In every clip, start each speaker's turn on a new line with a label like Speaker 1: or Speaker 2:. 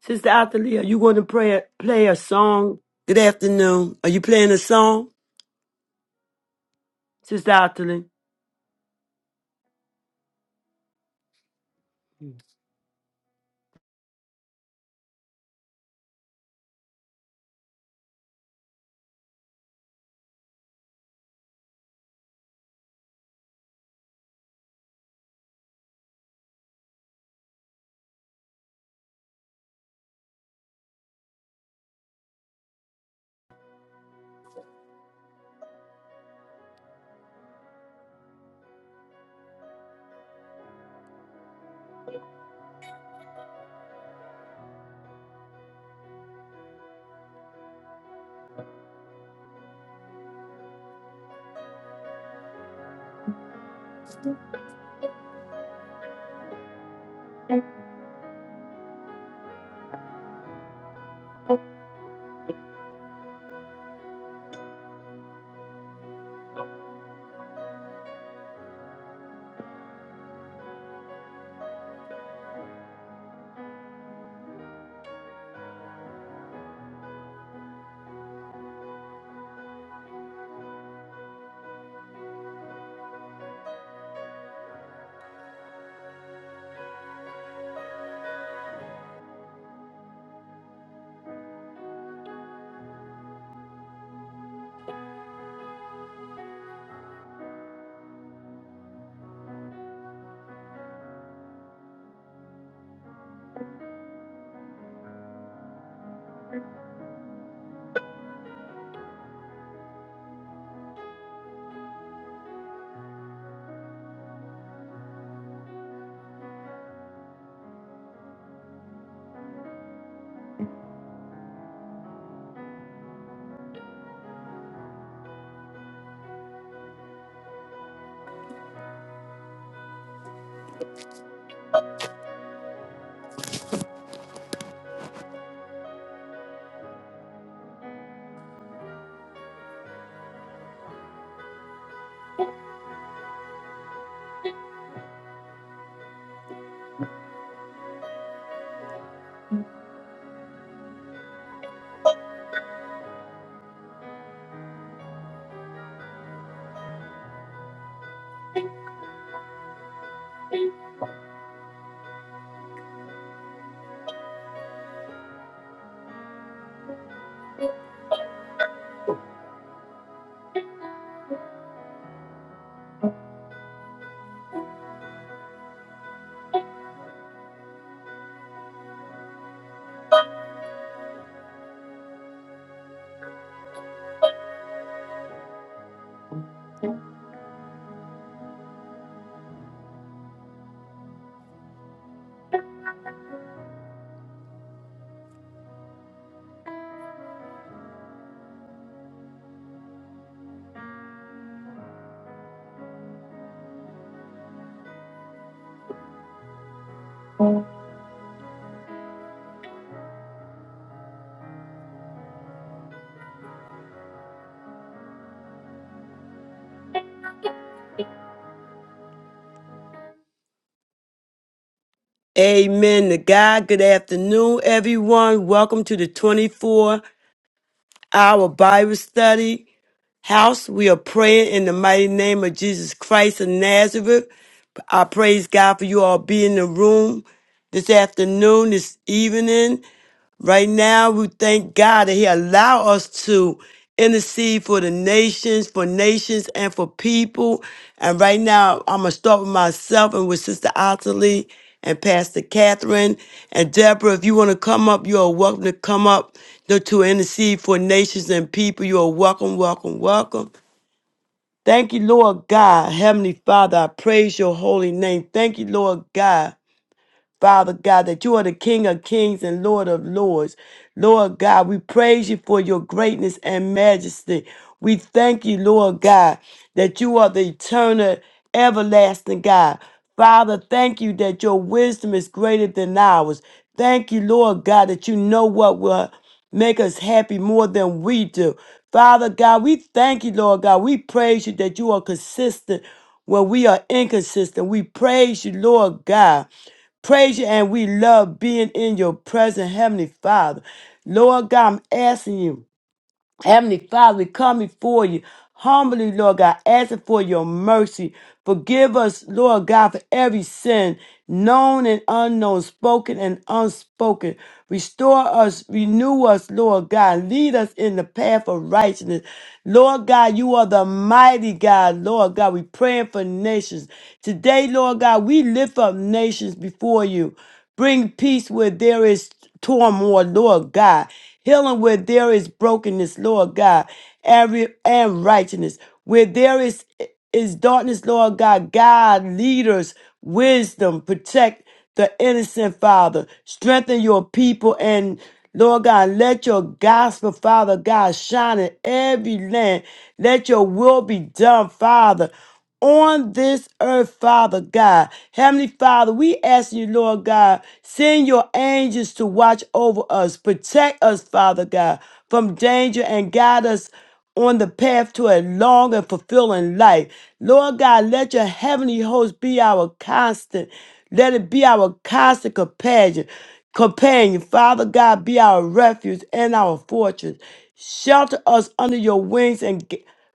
Speaker 1: Sister Athalia, are you going to pray, play a song? Good afternoon. Are you playing a song? Sister Athalia. Amen to God. Good afternoon, everyone. Welcome to the 24 hour Bible study house. We are praying in the mighty name of Jesus Christ of Nazareth. I praise God for you all being in the room this afternoon, this evening. Right now, we thank God that He allow us to intercede for the nations, for nations, and for people. And right now, I'm gonna start with myself and with Sister Ottilie and Pastor Catherine and Deborah. If you want to come up, you are welcome to come up to to intercede for nations and people. You are welcome, welcome, welcome. Thank you, Lord God, Heavenly Father. I praise your holy name. Thank you, Lord God. Father God, that you are the King of kings and Lord of lords. Lord God, we praise you for your greatness and majesty. We thank you, Lord God, that you are the eternal, everlasting God. Father, thank you that your wisdom is greater than ours. Thank you, Lord God, that you know what will make us happy more than we do. Father God, we thank you, Lord God. We praise you that you are consistent when we are inconsistent, we praise you, Lord God praise you and we love being in your presence, Heavenly Father. Lord God, I'm asking you. Heavenly Father, we come before you humbly, Lord God, asking for your mercy. Forgive us, Lord God, for every sin, known and unknown, spoken and unspoken. Restore us, renew us, Lord God. Lead us in the path of righteousness. Lord God, you are the mighty God, Lord God. We praying for nations. Today, Lord God, we lift up nations before you. Bring peace where there is turmoil, Lord God. Healing where there is brokenness, Lord God. And, and righteousness. Where there is, is darkness, Lord God. God, leaders, wisdom, protect the innocent, Father. Strengthen your people and Lord God, let your gospel, Father God, shine in every land. Let your will be done, Father on this earth, Father God. Heavenly Father, we ask you, Lord God, send your angels to watch over us, protect us, Father God, from danger and guide us on the path to a long and fulfilling life. Lord God, let your heavenly host be our constant. Let it be our constant companion. Companion, Father God, be our refuge and our fortress. Shelter us under your wings and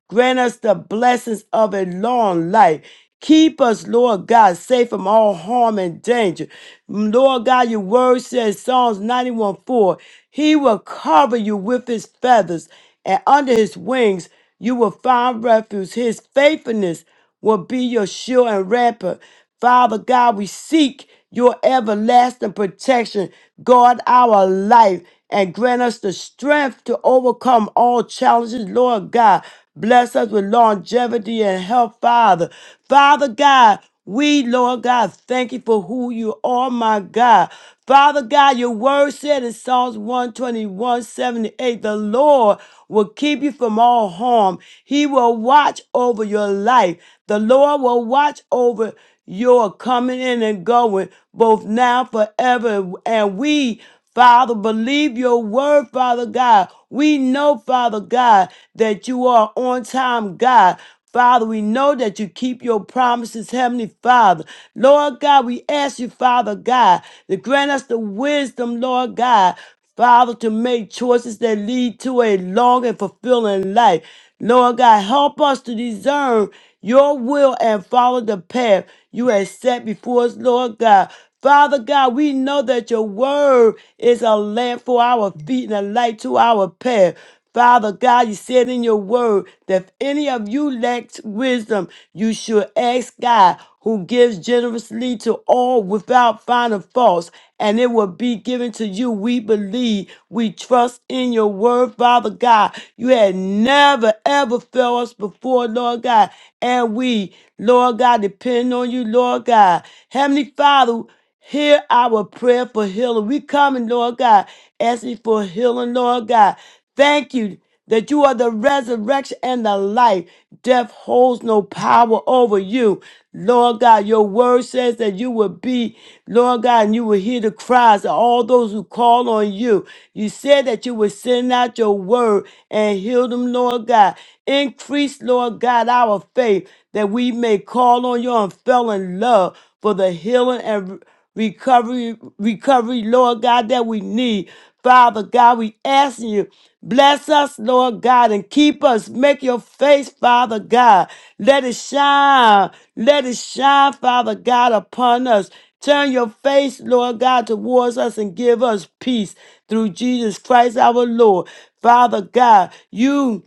Speaker 1: Grant us the blessings of a long life. Keep us, Lord God, safe from all harm and danger. Mm, Lord God, your word says, Psalms 91 4, He will cover you with His feathers, and under His wings you will find refuge. His faithfulness will be your shield and rampart. Father God, we seek your everlasting protection. Guard our life and grant us the strength to overcome all challenges, Lord God. Bless us with longevity and health, Father. Father God, we, Lord God, thank you for who you are, my God. Father God, your word said in Psalms one twenty one seventy eight: the Lord will keep you from all harm. He will watch over your life. The Lord will watch over your coming in and going, both now, forever. And we Father, believe your word, Father God. We know, Father God, that you are on time, God. Father, we know that you keep your promises, Heavenly Father. Lord God, we ask you, Father God, to grant us the wisdom, Lord God, Father, to make choices that lead to a long and fulfilling life. Lord God, help us to discern your will and follow the path you have set before us, Lord God. Father God, we know that your word is a lamp for our feet and a light to our path. Father God, you said in your word that if any of you lacks wisdom, you should ask God, who gives generously to all without finding faults, and it will be given to you. We believe, we trust in your word, Father God. You had never, ever failed us before, Lord God. And we, Lord God, depend on you, Lord God. Heavenly Father, Hear our prayer for healing. We coming, Lord God, asking for healing, Lord God. Thank you that you are the resurrection and the life. Death holds no power over you. Lord God, your word says that you will be, Lord God, and you will hear the cries of all those who call on you. You said that you would send out your word and heal them, Lord God. Increase, Lord God, our faith that we may call on you and fell in love for the healing and recovery, recovery, Lord God, that we need. Father God, we asking you, bless us, Lord God, and keep us. Make your face, Father God. Let it shine. Let it shine, Father God, upon us. Turn your face, Lord God, towards us and give us peace through Jesus Christ our Lord. Father God, you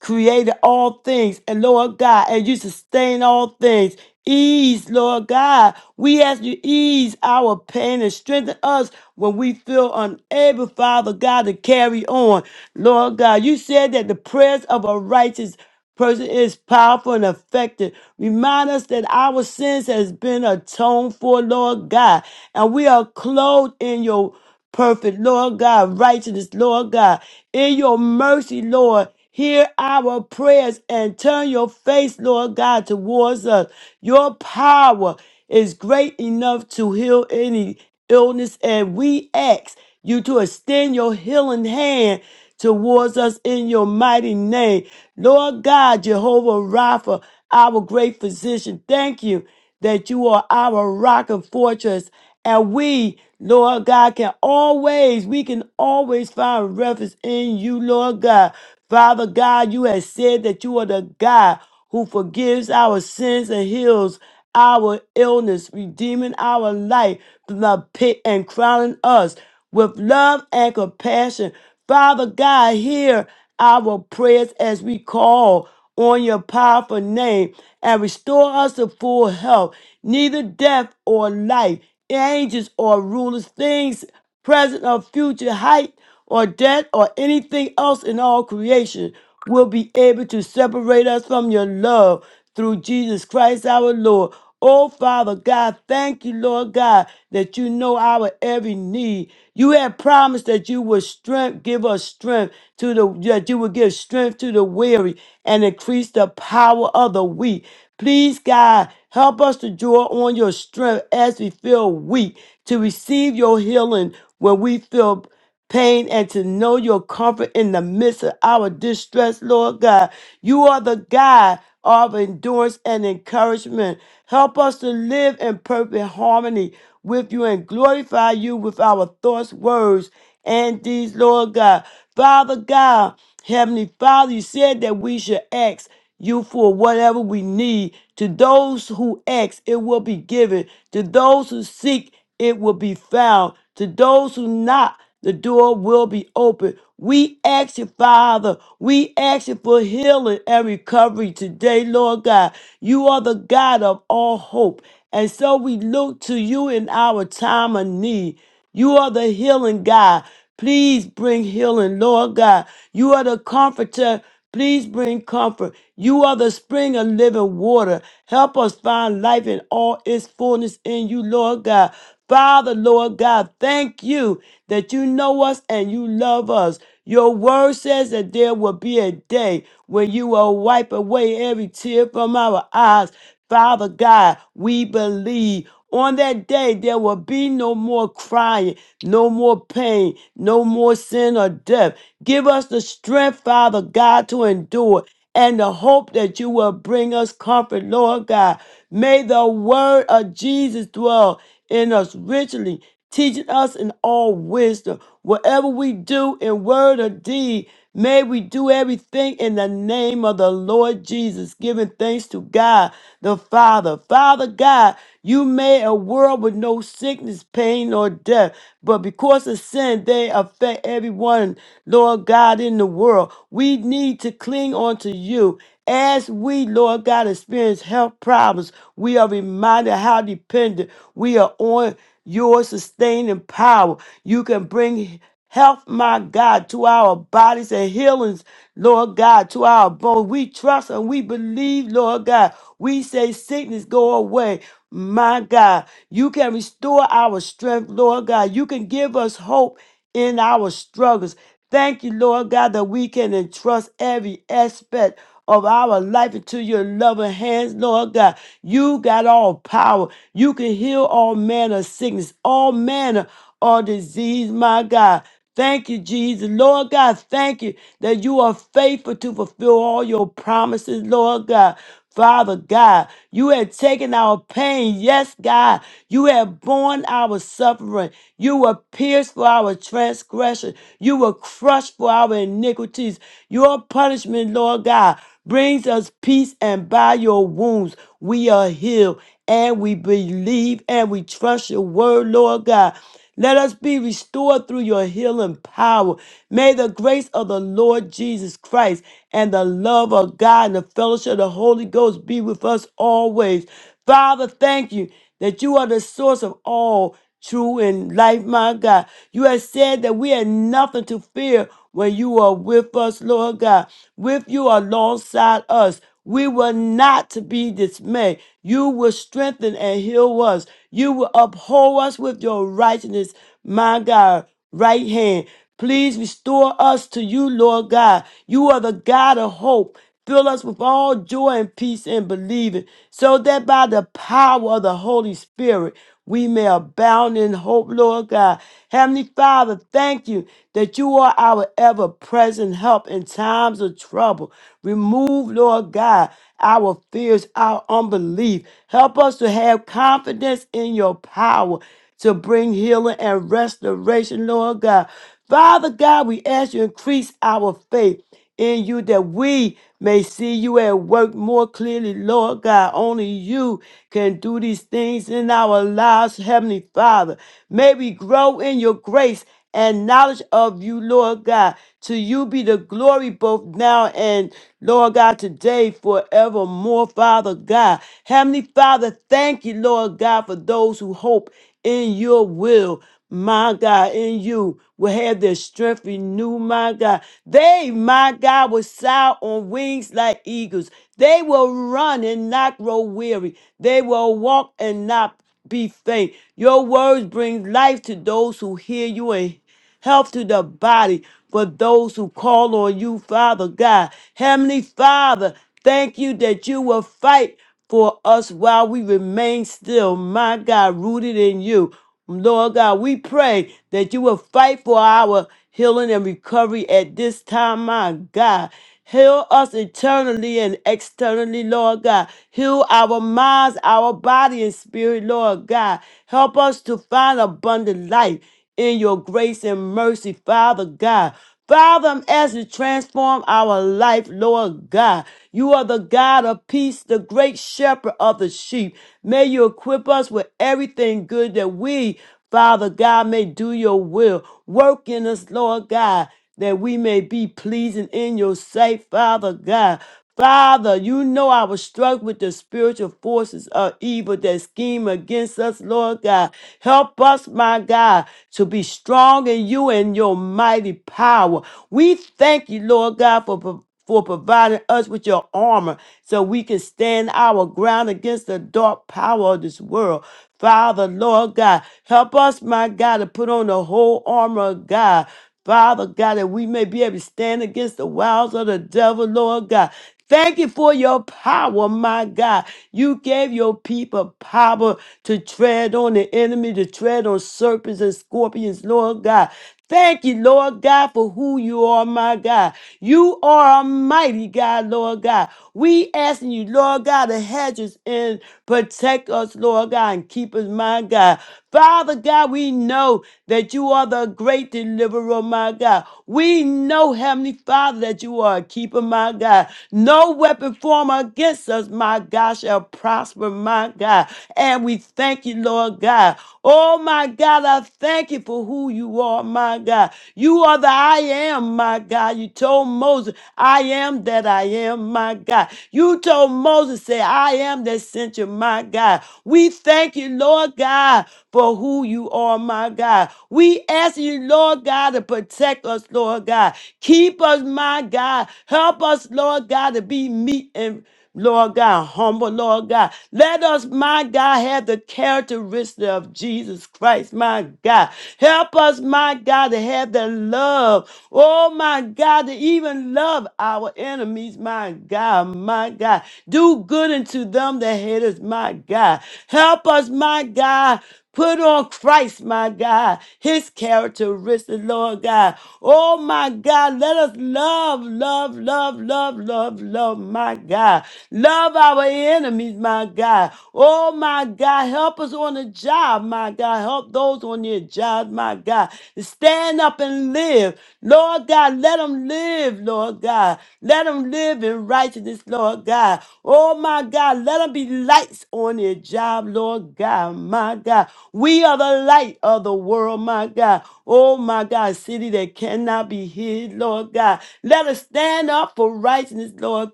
Speaker 1: created all things, and Lord God, and you sustain all things. Ease, Lord God. We ask you ease our pain and strengthen us when we feel unable, Father God, to carry on. Lord God, you said that the prayers of a righteous person is powerful and effective. Remind us that our sins has been atoned for, Lord God, and we are clothed in your perfect, Lord God, righteousness, Lord God. In your mercy, Lord, hear our prayers and turn your face, Lord God, towards us. Your power is great enough to heal any illness, and we ask you to extend your healing hand towards us in your mighty name. Lord God, Jehovah Rapha, our great physician, thank you that you are our rock and fortress. And we, Lord God, can always, we can always find refuge in you, Lord God. Father God, you have said that you are the God who forgives our sins and heals our illness, redeeming our life from the pit and crowning us with love and compassion. Father God, hear our prayers as we call on your powerful name and restore us to full health, neither death or life, angels or rulers, things present or future, height or depth or anything else in all creation will be able to separate us from your love through Jesus Christ our Lord. Oh, Father God, thank you, Lord God, that you know our every need. You have promised that you would strength, give us strength to the, that you would give strength to the weary and increase the power of the weak. Please, God, help us to draw on your strength as we feel weak, to receive your healing when we feel pain and to know your comfort in the midst of our distress, Lord God. You are the God of endurance and encouragement. Help us to live in perfect harmony with you and glorify you with our thoughts, words, and these, Lord God. Father God, Heavenly Father, you said that we should ask you for whatever we need. To those who ask, it will be given. To those who seek, it will be found. To those who knock, the door will be open. We ask you, Father, we ask you for healing and recovery today, Lord God. You are the God of all hope. And so we look to you in our time of need. You are the healing God. Please bring healing, Lord God. You are the comforter. Please bring comfort. You are the spring of living water. Help us find life in all its fullness in you, Lord God. Father, Lord God, thank you that you know us and you love us. Your word says that there will be a day when you will wipe away every tear from our eyes Father God, we believe on that day there will be no more crying, no more pain, no more sin or death. Give us the strength, Father God, to endure and the hope that you will bring us comfort, Lord God. May the word of Jesus dwell in us richly teaching us in all wisdom. Whatever we do in word or deed, may we do everything in the name of the Lord Jesus, giving thanks to God the Father. Father God, you made a world with no sickness, pain, or death, but because of sin, they affect everyone, Lord God, in the world. We need to cling on to you. As we, Lord God, experience health problems, we are reminded how dependent we are on your sustaining power. You can bring health, my God, to our bodies and healings, Lord God, to our bones. We trust and we believe, Lord God. We say sickness go away. My God, you can restore our strength, Lord God. You can give us hope in our struggles. Thank you, Lord God, that we can entrust every aspect of our life into your loving hands, Lord God. You got all power. You can heal all manner of sickness, all manner of disease, my God. Thank you, Jesus. Lord God, thank you that you are faithful to fulfill all your promises, Lord God. Father God, you have taken our pain. Yes, God, you have borne our suffering. You were pierced for our transgression. You were crushed for our iniquities. Your punishment, Lord God, brings us peace, and by your wounds we are healed and we believe and we trust your word, Lord God. Let us be restored through your healing power. May the grace of the Lord Jesus Christ and the love of God and the fellowship of the Holy Ghost be with us always. Father, thank you that you are the source of all true in life, my God. You have said that we have nothing to fear when you are with us, Lord God. With you alongside us, we will not be dismayed. You will strengthen and heal us. You will uphold us with your righteousness, my God, right hand. Please restore us to you, Lord God. You are the God of hope. Fill us with all joy and peace in believing, so that by the power of the Holy Spirit we may abound in hope, Lord God. Heavenly Father, thank you that you are our ever present help in times of trouble. Remove, Lord God, our fears, our unbelief. Help us to have confidence in your power to bring healing and restoration, Lord God. Father God, we ask you to increase our faith in you that we may see you at work more clearly, Lord God. Only you can do these things in our lives, Heavenly Father. May we grow in your grace and knowledge of you, Lord God. To you be the glory both now and, Lord God, today, forevermore, Father God. Heavenly Father, thank you, Lord God, for those who hope in your will my God, in you will have their strength renewed, my God. They, my God, will soar on wings like eagles. They will run and not grow weary. They will walk and not be faint. Your words bring life to those who hear you and health to the body for those who call on you, Father God. Heavenly Father, thank you that you will fight for us while we remain still, my God, rooted in you. Lord God, we pray that you will fight for our healing and recovery at this time, my God. Heal us internally and externally, Lord God. Heal our minds, our body, and spirit, Lord God. Help us to find abundant life in your grace and mercy, Father God. Father, I'm asking you to transform our life, Lord God. You are the God of peace, the great shepherd of the sheep. May you equip us with everything good that we, Father God, may do your will. Work in us, Lord God that we may be pleasing in your sight, Father God. Father, you know I was struck with the spiritual forces of evil that scheme against us, Lord God. Help us, my God, to be strong in you and your mighty power. We thank you, Lord God, for pro- for providing us with your armor so we can stand our ground against the dark power of this world. Father, Lord God, help us, my God, to put on the whole armor of God Father God, that we may be able to stand against the wiles of the devil, Lord God. Thank you for your power, my God. You gave your people power to tread on the enemy, to tread on serpents and scorpions, Lord God. Thank you, Lord God, for who you are, my God. You are a mighty God, Lord God. We asking you, Lord God, to hedge us and protect us, Lord God, and keep us, my God. Father God, we know that you are the a great deliverer, oh my God. We know, Heavenly Father, that you are a keeper, my God. No weapon formed against us, my God, shall prosper, my God. And we thank you, Lord God. Oh, my God, I thank you for who you are, my God. You are the I am, my God. You told Moses, I am that I am, my God. You told Moses, say, I am that sent you, my God. We thank you, Lord God, for who you are, my God. Lord God. We ask you, Lord God, to protect us, Lord God. Keep us, my God. Help us, Lord God, to be meek and Lord God, humble, Lord God. Let us, my God, have the characteristic of Jesus Christ, my God. Help us, my God, to have the love. Oh, my God, to even love our enemies, my God, my God. Do good unto them that hate us, my God. Help us, my God. Put on Christ, my God, his characteristics, Lord God. Oh, my God, let us love, love, love, love, love, love, my God. Love our enemies, my God. Oh, my God, help us on the job, my God. Help those on your job, my God. Stand up and live. Lord God, let them live, Lord God. Let them live in righteousness, Lord God. Oh my God, let them be lights on their job, Lord God, my God. We are the light of the world, my God. Oh my God, city that cannot be hid, Lord God. Let us stand up for righteousness, Lord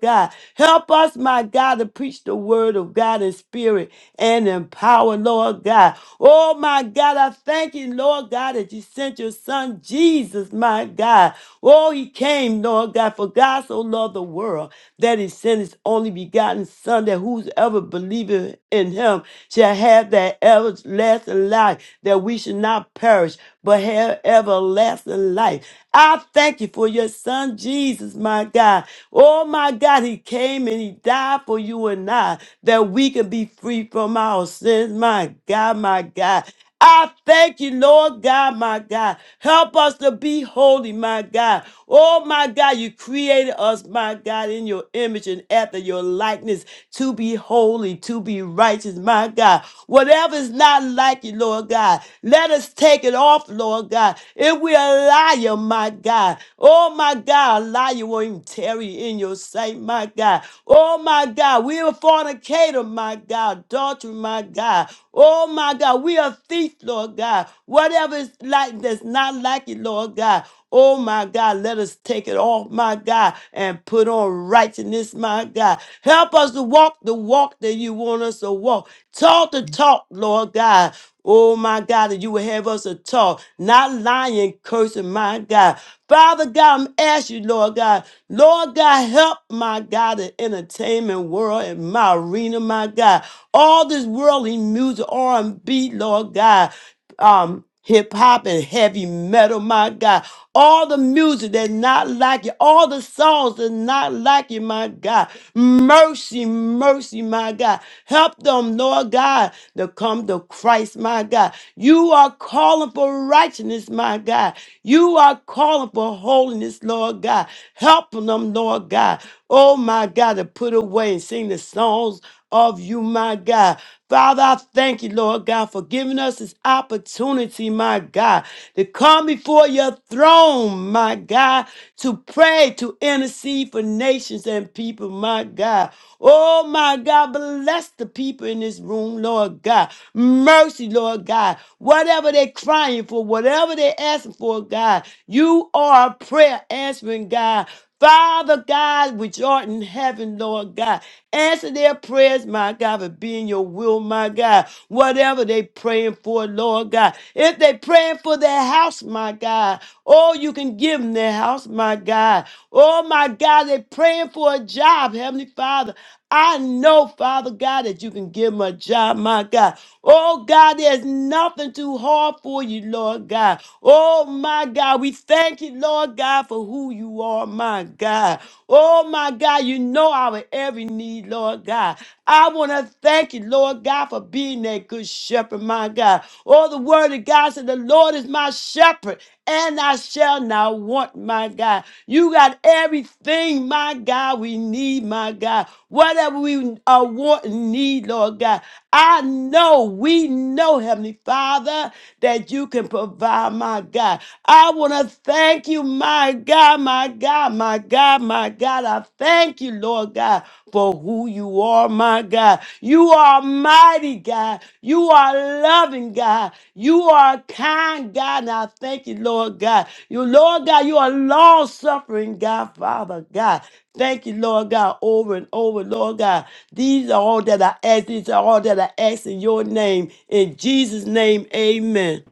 Speaker 1: God. God. Help us, my God, to preach the word of God in spirit and in power, Lord God. Oh, my God, I thank you, Lord God, that you sent your son Jesus, my God. Oh, he came, Lord God, for God so loved the world that he sent his only begotten son that whosoever believeth in him shall have that everlasting life that we should not perish but have everlasting life. I thank you for your son Jesus, my God. Oh my God, he came and he died for you and I that we can be free from our sins. My God, my God. I thank you, Lord God, my God. Help us to be holy, my God. Oh my God, you created us, my God, in your image and after your likeness to be holy, to be righteous, my God. Whatever is not like you, Lord God, let us take it off, Lord God. If we are liar, my God, oh my God, a liar won't even tarry in your sight, my God. Oh my God, we are fornicator, my God, adultery, my God. Oh my God, we are thief, Lord God. Whatever is like that's not like you, Lord God. Oh my God, let us take it off, my God, and put on righteousness, my God. Help us to walk the walk that you want us to walk. Talk the talk, Lord God. Oh my God, that you would have us to talk, not lying, cursing, my God. Father God, I'm asking you, Lord God, Lord God, help my God, the entertainment world and my arena, my God. All this worldly music, R&B, Lord God, um, hip hop and heavy metal, my God all the music that's not like you, all the songs that's not like you, my God. Mercy, mercy, my God. Help them, Lord God, to come to Christ, my God. You are calling for righteousness, my God. You are calling for holiness, Lord God. Help them, Lord God. Oh, my God, to put away and sing the songs of you, my God. Father, I thank you, Lord God, for giving us this opportunity, my God, to come before your throne, my God, to pray, to intercede for nations and people, my God. Oh, my God, bless the people in this room, Lord God. Mercy, Lord God. Whatever they're crying for, whatever they're asking for, God, you are a prayer answering God. Father God, which art in heaven, Lord God. Answer their prayers, my God, for being your will, my God. Whatever they praying for, Lord God. If they praying for their house, my God, oh, you can give them their house, my God. Oh, my God, they praying for a job, Heavenly Father. I know, Father God, that you can give them a job, my God. Oh God, there's nothing too hard for you, Lord God. Oh my God, we thank you, Lord God, for who you are, my God. Oh my God, you know our every need, Lord God. I want to thank you, Lord God, for being that good shepherd, my God. Oh, the word of God said, The Lord is my shepherd, and I shall not want, my God. You got everything, my God, we need, my God. Whatever we uh, want and need, Lord God. I know, we know, Heavenly Father, that you can provide, my God. I want to thank you, my God, my God, my God, my God. I thank you, Lord God, for who you are, my God. You are mighty, God. You are loving, God. You are kind, God. And I thank you, Lord God. You, Lord God, you are long suffering, God, Father, God. Thank you, Lord God, over and over, Lord God. These are all that I ask. These are all that I ask in your name. In Jesus' name, amen.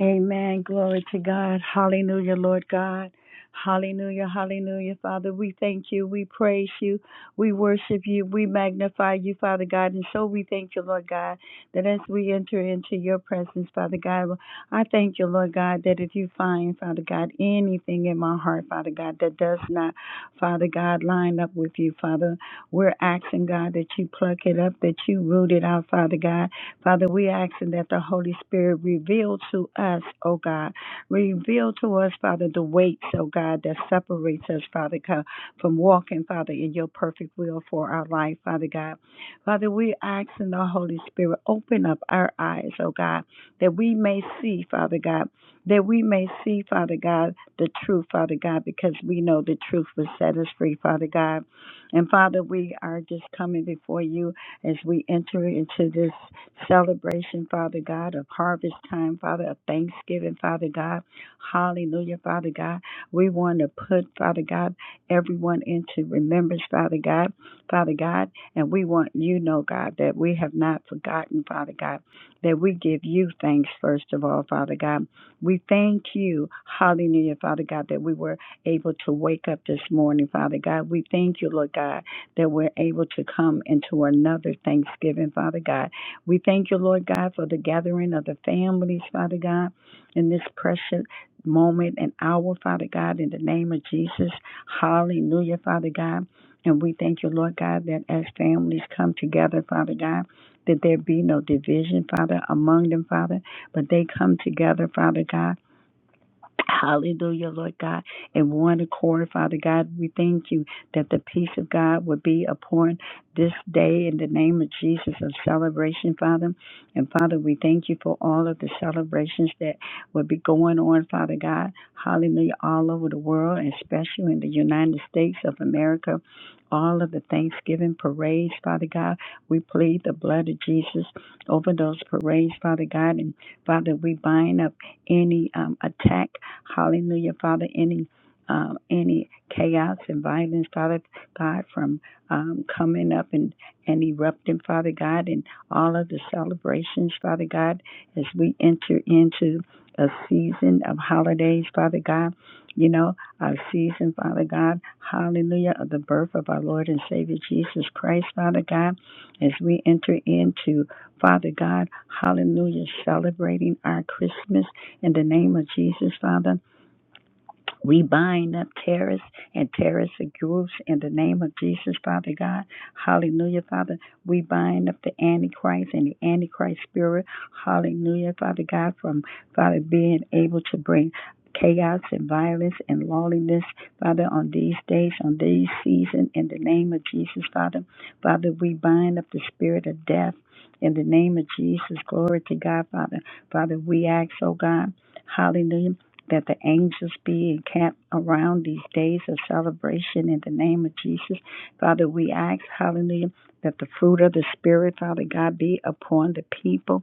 Speaker 2: Amen. Glory to God. Hallelujah, Lord God. Hallelujah, hallelujah, Father. We thank you. We praise you. We worship you. We magnify you, Father God. And so we thank you, Lord God, that as we enter into your presence, Father God, well, I thank you, Lord God, that if you find, Father God, anything in my heart, Father God, that does not, Father God, line up with you, Father, we're asking, God, that you pluck it up, that you root it out, Father God. Father, we asking that the Holy Spirit reveal to us, oh God, reveal to us, Father, the weights, oh God, that separates us, Father God, from walking, Father, in your perfect will for our life, Father God. Father, we asking the Holy Spirit, open up our eyes, oh God, that we may see, Father God, that we may see, Father God, the truth, Father God, because we know the truth will set us free, Father God. And Father, we are just coming before you as we enter into this celebration, Father God, of harvest time, Father, of thanksgiving, Father God. Hallelujah, Father God. We want to put, Father God, everyone into remembrance, Father God, Father God. And we want you to know, God, that we have not forgotten, Father God, that we give you thanks, first of all, Father God. We thank you, hallelujah, Father God, that we were able to wake up this morning, Father God. We thank you, Lord God, that we're able to come into another Thanksgiving, Father God. We thank you, Lord God, for the gathering of the families, Father God, in this precious moment and hour, Father God, in the name of Jesus. Hallelujah, Father God. And we thank you, Lord God, that as families come together, Father God, that there be no division, Father, among them, Father, but they come together, Father God Hallelujah, Lord God. In one accord, Father God, we thank you that the peace of God would be upon this day in the name of Jesus of celebration, Father. And Father, we thank you for all of the celebrations that will be going on, Father God. Hallelujah, all over the world, and especially in the United States of America. All of the Thanksgiving parades, Father God, we plead the blood of Jesus over those parades, Father God. And Father, we bind up any um, attack Hallelujah, Father. Any um, any chaos and violence, Father God, from um, coming up and, and erupting, Father God, and all of the celebrations, Father God, as we enter into a season of holidays, Father God, you know, our season, Father God, hallelujah, of the birth of our Lord and Savior Jesus Christ, Father God, as we enter into, Father God, hallelujah, celebrating our Christmas, in the name of Jesus, Father. We bind up terrorists and terrorist groups in the name of Jesus, Father God. Hallelujah, Father. We bind up the Antichrist and the Antichrist spirit. Hallelujah, Father God, from Father being able to bring chaos and violence and lawlessness, Father, on these days, on these season, in the name of Jesus, Father. Father, we bind up the spirit of death. In the name of Jesus, glory to God, Father. Father, we ask, oh God, hallelujah that the angels be encamped around these days of celebration in the name of Jesus. Father, we ask, hallelujah, that the fruit of the Spirit, Father God, be upon the people.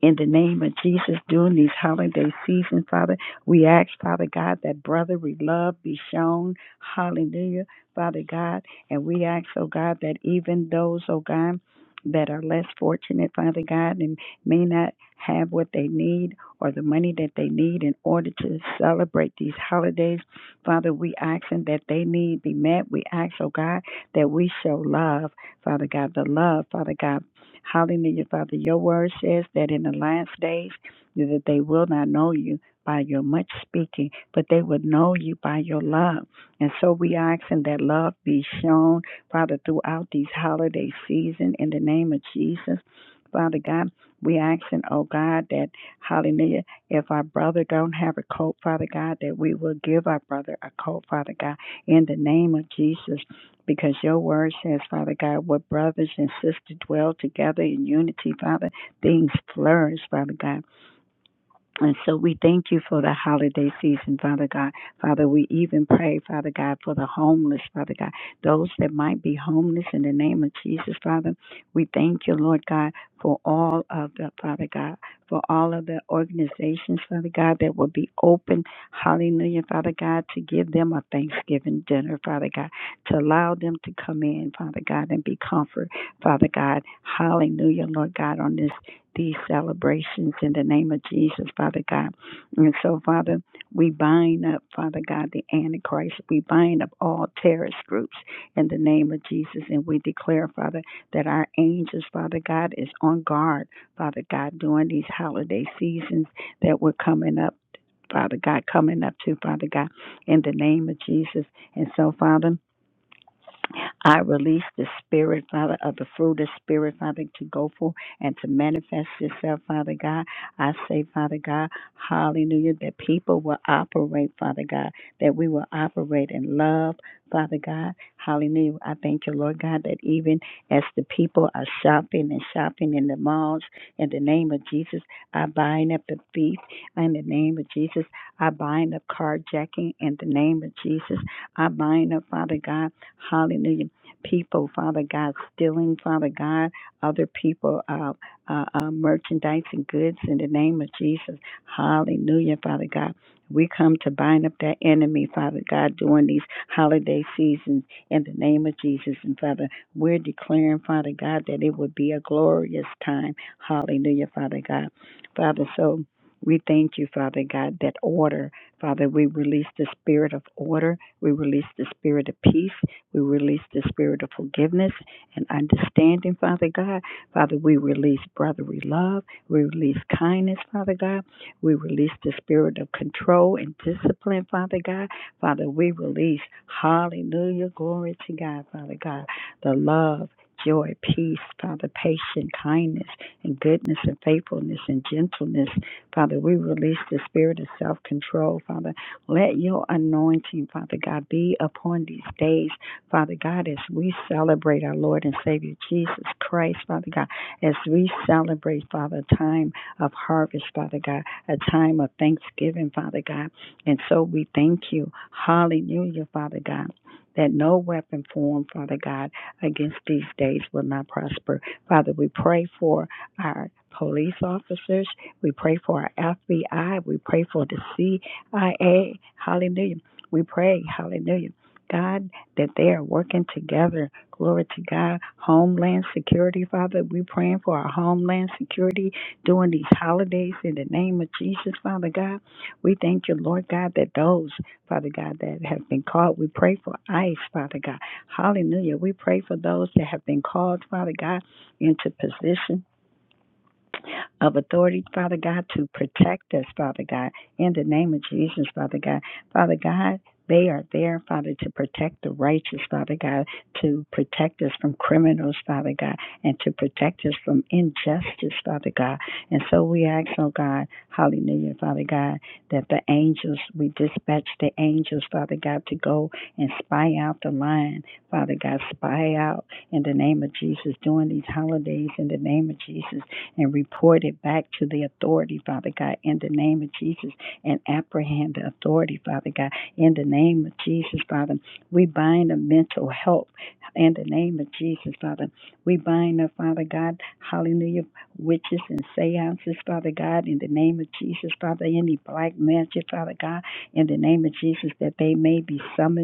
Speaker 2: In the name of Jesus, during these holiday seasons, Father, we ask, Father God, that brotherly love be shown. Hallelujah, Father God. And we ask, oh God, that even those, oh God, that are less fortunate, Father God, and may not have what they need or the money that they need in order to celebrate these holidays. Father, we ask them that they need be met. We ask, oh God, that we show love, Father God, the love, Father God. Hallelujah, Father. Your word says that in the last days that they will not know you by your much speaking, but they would know you by your love. And so we asking that love be shown, Father, throughout these holiday season in the name of Jesus. Father God, we asking, oh God, that hallelujah, if our brother don't have a coat, Father God, that we will give our brother a coat, Father God, in the name of Jesus because your word says, Father God, what brothers and sisters dwell together in unity, Father, things flourish, Father God. And so we thank you for the holiday season, Father God. Father, we even pray, Father God, for the homeless, Father God, those that might be homeless in the name of Jesus, Father. We thank you, Lord God, for all of the, Father God, for all of the organizations, Father God, that will be open, hallelujah, Father God, to give them a Thanksgiving dinner, Father God, to allow them to come in, Father God, and be comfort, Father God, hallelujah, Lord God, on this these celebrations in the name of Jesus, Father God. And so, Father, we bind up, Father God, the Antichrist. We bind up all terrorist groups in the name of Jesus. And we declare, Father, that our angels, Father God, is on guard, Father God, during these holiday seasons that we're coming up. Father God, coming up to Father God in the name of Jesus. And so, Father, I release the spirit, Father, of the fruit of spirit, Father, to go forth and to manifest itself, Father God. I say, Father God, hallelujah, that people will operate, Father God, that we will operate in love, Father God. Hallelujah. I thank you, Lord God, that even as the people are shopping and shopping in the malls, in the name of Jesus, I bind up the thief. In the name of Jesus, I bind up carjacking. In the name of Jesus, I bind up, Father God, hallelujah people, Father God, stealing, Father God, other people, uh, uh, uh, merchandise and goods in the name of Jesus. Hallelujah, Father God. We come to bind up that enemy, Father God, during these holiday seasons in the name of Jesus. And Father, we're declaring, Father God, that it would be a glorious time. Hallelujah, Father God. Father, so we thank you, Father God, that order. Father, we release the spirit of order. We release the spirit of peace. We release the spirit of forgiveness and understanding, Father God. Father, we release brotherly love. We release kindness, Father God. We release the spirit of control and discipline, Father God. Father, we release, hallelujah, glory to God, Father God, the love. Joy, peace, Father, patience, kindness, and goodness, and faithfulness, and gentleness. Father, we release the spirit of self control, Father. Let your anointing, Father God, be upon these days. Father God, as we celebrate our Lord and Savior Jesus Christ, Father God, as we celebrate, Father, a time of harvest, Father God, a time of thanksgiving, Father God. And so we thank you. Hallelujah, Father God. That no weapon formed, Father God, against these days will not prosper. Father, we pray for our police officers. We pray for our FBI. We pray for the CIA. Hallelujah. We pray, hallelujah. God, that they are working together. Glory to God. Homeland security, Father. We praying for our homeland security during these holidays in the name of Jesus, Father God. We thank you, Lord God, that those, Father God, that have been called, we pray for ICE, Father God. Hallelujah. We pray for those that have been called, Father God, into position of authority, Father God, to protect us, Father God, in the name of Jesus, Father God. Father God, they are there, Father, to protect the righteous, Father God, to protect us from criminals, Father God, and to protect us from injustice, Father God. And so we ask, oh God, hallelujah, Father God, that the angels, we dispatch the angels, Father God, to go and spy out the line, Father God, spy out in the name of Jesus during these holidays, in the name of Jesus and report it back to the authority, Father God, in the name of Jesus, and apprehend the authority, Father God, in the name of Jesus, Father. We bind the mental health in the name of Jesus, Father. We bind the Father God, hallelujah, witches and seances, Father God, in the name of Jesus, Father, any black magic, Father God, in the name of Jesus, that they may be summoning,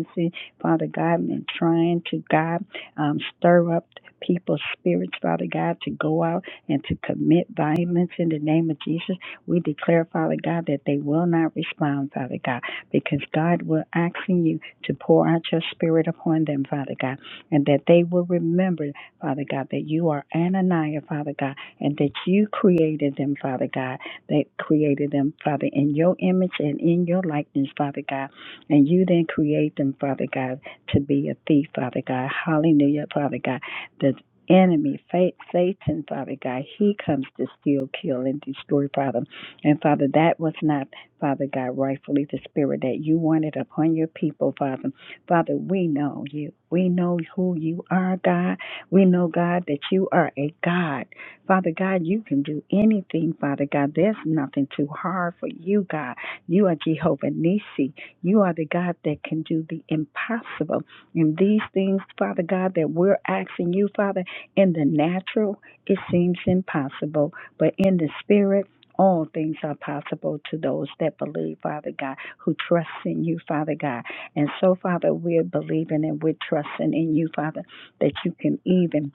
Speaker 2: Father God, and trying to, God, um, stir up people's spirits, Father God, to go out and to commit violence in the name of Jesus. We declare, Father God, that they will not respond, Father God, because God, we're asking you to pour out your spirit upon them, Father God, and that they will remember, Father God, that you are Ananiah, Father God, and that you created them, Father God, that created them, Father, in your image and in your likeness, Father God, and you then create them, Father God, to be a thief, Father God. Hallelujah, Father God enemy, fa- Satan, Father God. He comes to steal, kill, and destroy, Father. And Father, that was not, Father God, rightfully the spirit that you wanted upon your people, Father. Father, we know you. We know who you are, God. We know, God, that you are a God. Father God, you can do anything, Father God. There's nothing too hard for you, God. You are Jehovah Nisi. You are the God that can do the impossible. And these things, Father God, that we're asking you, Father, in the natural, it seems impossible, but in the spirit, all things are possible to those that believe, Father God, who trust in you, Father God. And so, Father, we're believing and we're trusting in you, Father, that you can even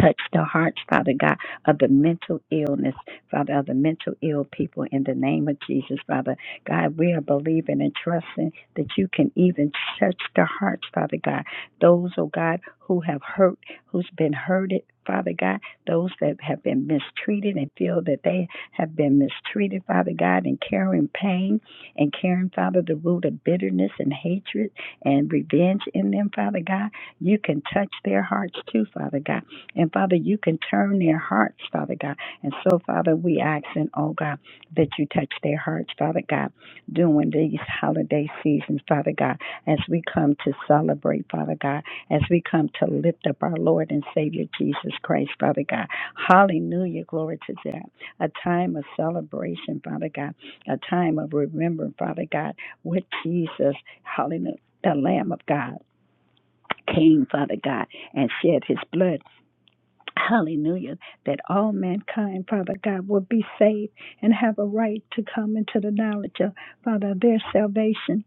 Speaker 2: Touch the hearts, Father God, of the mental illness, Father, of the mental ill people in the name of Jesus, Father. God, we are believing and trusting that you can even touch the hearts, Father God. Those, oh God, who have hurt, who's been hurted, Father God, those that have been mistreated and feel that they have been mistreated, Father God, and carrying pain and carrying, Father, the root of bitterness and hatred and revenge in them, Father God. You can touch their hearts too, Father God. And Father, you can turn their hearts, Father God. And so, Father, we asking, oh God, that you touch their hearts, Father God, during these holiday seasons, Father God, as we come to celebrate, Father God, as we come to lift up our Lord and Savior Jesus Christ, Father God. Hallelujah, glory to God. A time of celebration, Father God, a time of remembering, Father God, what Jesus, hallelujah, the Lamb of God came, Father God, and shed his blood Hallelujah. That all mankind, Father God, will be saved and have a right to come into the knowledge of, Father, their salvation.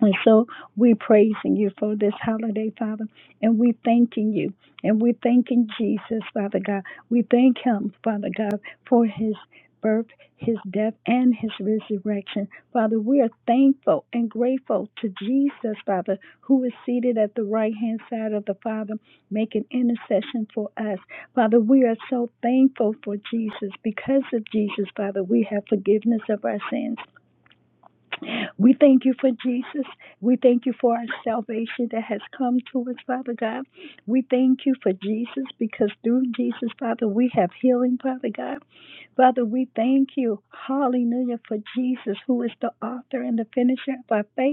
Speaker 2: And so we're praising you for this holiday, Father, and we're thanking you. And we're thanking Jesus, Father God. We thank him, Father God, for his birth, his death, and his resurrection. Father, we are thankful and grateful to Jesus, Father, who is seated at the right hand side of the Father, making intercession for us. Father, we are so thankful for Jesus. Because of Jesus, Father, we have forgiveness of our sins. We thank you for Jesus. We thank you for our salvation that has come to us, Father God. We thank you for Jesus because through Jesus, Father, we have healing, Father God. Father, we thank you, hallelujah, for Jesus, who is the author and the finisher of our faith.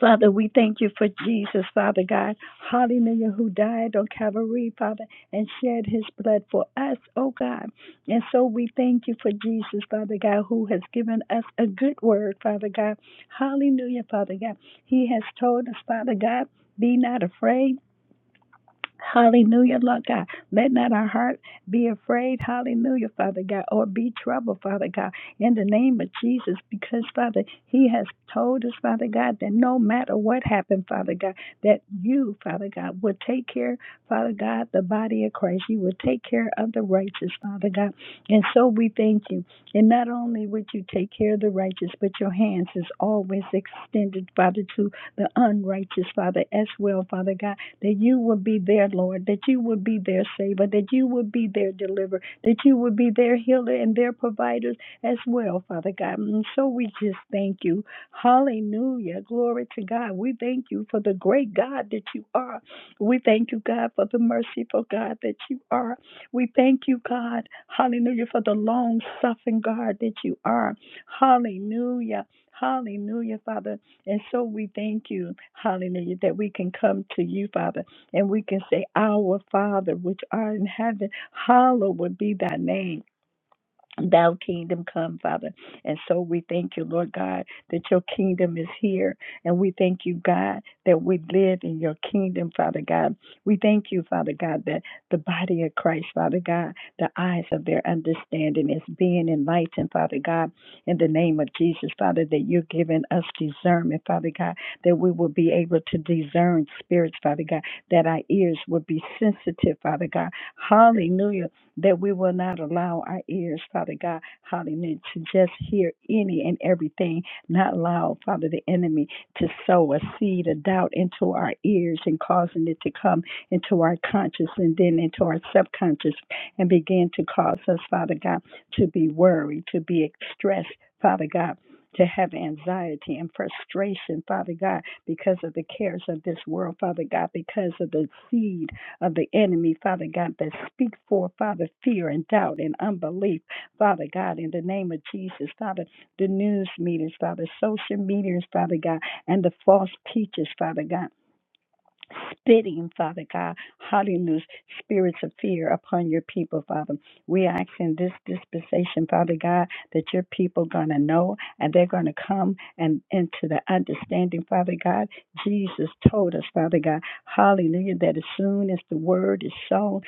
Speaker 2: Father, we thank you for Jesus, Father God. Hallelujah, who died on Calvary, Father, and shed his blood for us, oh God. And so we thank you for Jesus, Father God, who has given us a good word, Father God. Hallelujah, Father God. He has told us, Father God, be not afraid. Hallelujah, Lord God. Let not our heart be afraid. Hallelujah, Father God, or be troubled, Father God, in the name of Jesus, because, Father, He has told us, Father God, that no matter what happened, Father God, that you, Father God, will take care, Father God, the body of Christ. You will take care of the righteous, Father God. And so we thank you. And not only would you take care of the righteous, but your hands is always extended, Father, to the unrighteous, Father, as well, Father God that you would be their Lord, that you would be their Savior, that you would be their deliverer, that you would be their healer and their providers as well, Father God. And so we just thank you. Hallelujah. Glory to God. We thank you for the great God that you are. We thank you, God, for the merciful God that you are. We thank you, God. Hallelujah. For the long suffering God that you are. Hallelujah. Hallelujah, Father. And so we thank you, hallelujah, that we can come to you, Father, and we can say, Our Father, which art in heaven, hallowed be thy name. Thou kingdom come, Father. And so we thank you, Lord God, that your kingdom is here. And we thank you, God, that we live in your kingdom, Father God. We thank you, Father God, that the body of Christ, Father God, the eyes of their understanding is being enlightened, Father God, in the name of Jesus, Father, that you're giving us discernment, Father God, that we will be able to discern spirits, Father God, that our ears will be sensitive, Father God. Hallelujah, that we will not allow our ears, Father God, hallelujah, to just hear any and everything, not allow, Father, the enemy to sow a seed of doubt into our ears and causing it to come into our conscious and then into our subconscious and begin to cause us, Father God, to be worried, to be stressed, Father God. To have anxiety and frustration, Father God, because of the cares of this world, Father God, because of the seed of the enemy, Father God, that speaks for, Father, fear and doubt and unbelief, Father God, in the name of Jesus, Father, the news meters, Father, social medias, Father God, and the false teachers, Father God spitting, Father God, hallelujah, spirits of fear upon your people, Father. We ask in this dispensation, Father God, that your people going to know and they're going to come and into the understanding, Father God. Jesus told us, Father God, hallelujah, that as soon as the word is sown,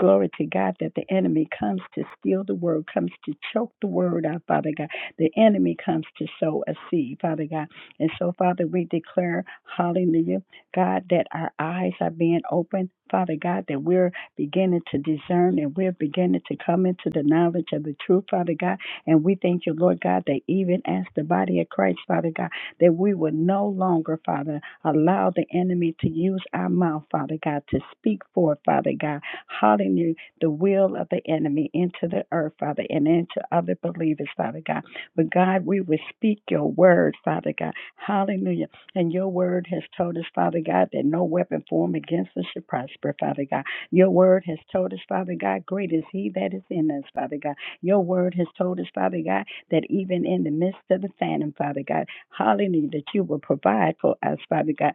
Speaker 2: Glory to God that the enemy comes to steal the word, comes to choke the word out, Father God. The enemy comes to sow a seed, Father God. And so, Father, we declare, hallelujah. God, that our eyes are being opened. Father God, that we're beginning to discern and we're beginning to come into the knowledge of the truth, Father God. And we thank you, Lord God, that even as the body of Christ, Father God, that we will no longer, Father, allow the enemy to use our mouth, Father God, to speak forth, Father God, hallelujah, the will of the enemy into the earth, Father, and into other believers, Father God. But God, we will speak your word, Father God. Hallelujah and your word has told us, Father God, that no weapon formed against us should prosper, Father God. Your word has told us, Father God, great is he that is in us, Father God. Your word has told us, Father God, that even in the midst of the famine, Father God, hallelujah, that you will provide for us, Father God.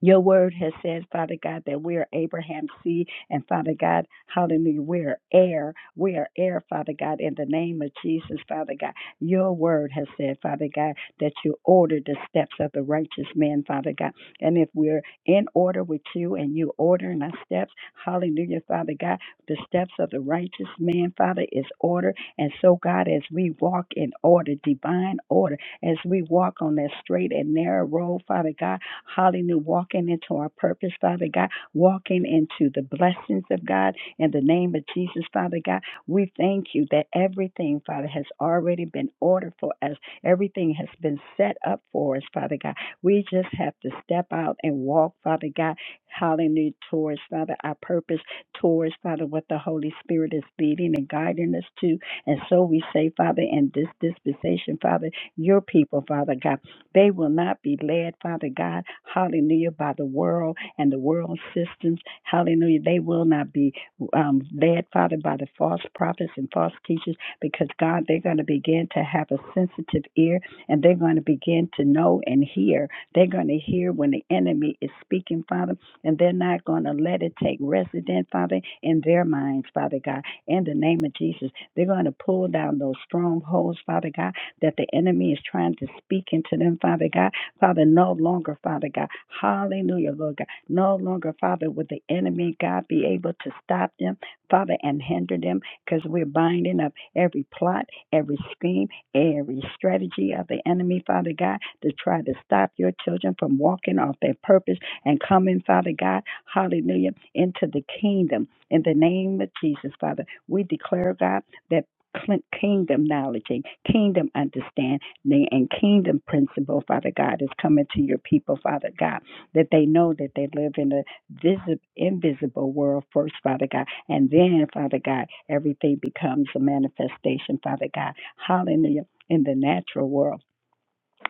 Speaker 2: Your word has said, Father God, that we are Abraham's seed, and Father God, hallelujah, we are heir. We are heir, Father God, in the name of Jesus, Father God. Your word has said, Father God, that you order the steps of the righteous man, Father God. And if we're in order with you and you ordering our steps, hallelujah, Father God, the steps of the righteous man, Father, is order. And so, God, as we walk in order, divine order, as we walk on that straight and narrow road, Father God, Hallelujah. Walking into our purpose, Father God. Walking into the blessings of God in the name of Jesus, Father God. We thank you that everything, Father, has already been ordered for us. Everything has been set up for us, Father God. We just have to step out and walk, Father God. Hallelujah. Towards, Father, our purpose, towards, Father, what the Holy Spirit is leading and guiding us to. And so we say, Father, in this dispensation, Father, your people, Father God. They will not be led, Father God, hallelujah, by the world and the world systems. Hallelujah. They will not be um, led, Father, by the false prophets and false teachers because, God, they're going to begin to have a sensitive ear and they're going to begin to know and hear. They're going to hear when the enemy is speaking, Father, and they're not going to let it take residence, Father, in their minds, Father God. In the name of Jesus, they're going to pull down those strongholds, Father God that the enemy is trying to speak into them, Father God. Father, no longer, Father God. Hallelujah, Lord God. No longer, Father, would the enemy, God, be able to stop them, Father, and hinder them because we're binding up every plot, every scheme, every strategy of the enemy, Father God, to try to stop your children from walking off their purpose and coming, Father God, hallelujah, into the kingdom. In the name of Jesus, Father, we declare, God, that kingdom knowledge and kingdom understanding and kingdom principle, Father God, is coming to your people, Father God, that they know that they live in a visible, invisible world first, Father God, and then, Father God, everything becomes a manifestation, Father God. Hallelujah. In the natural world.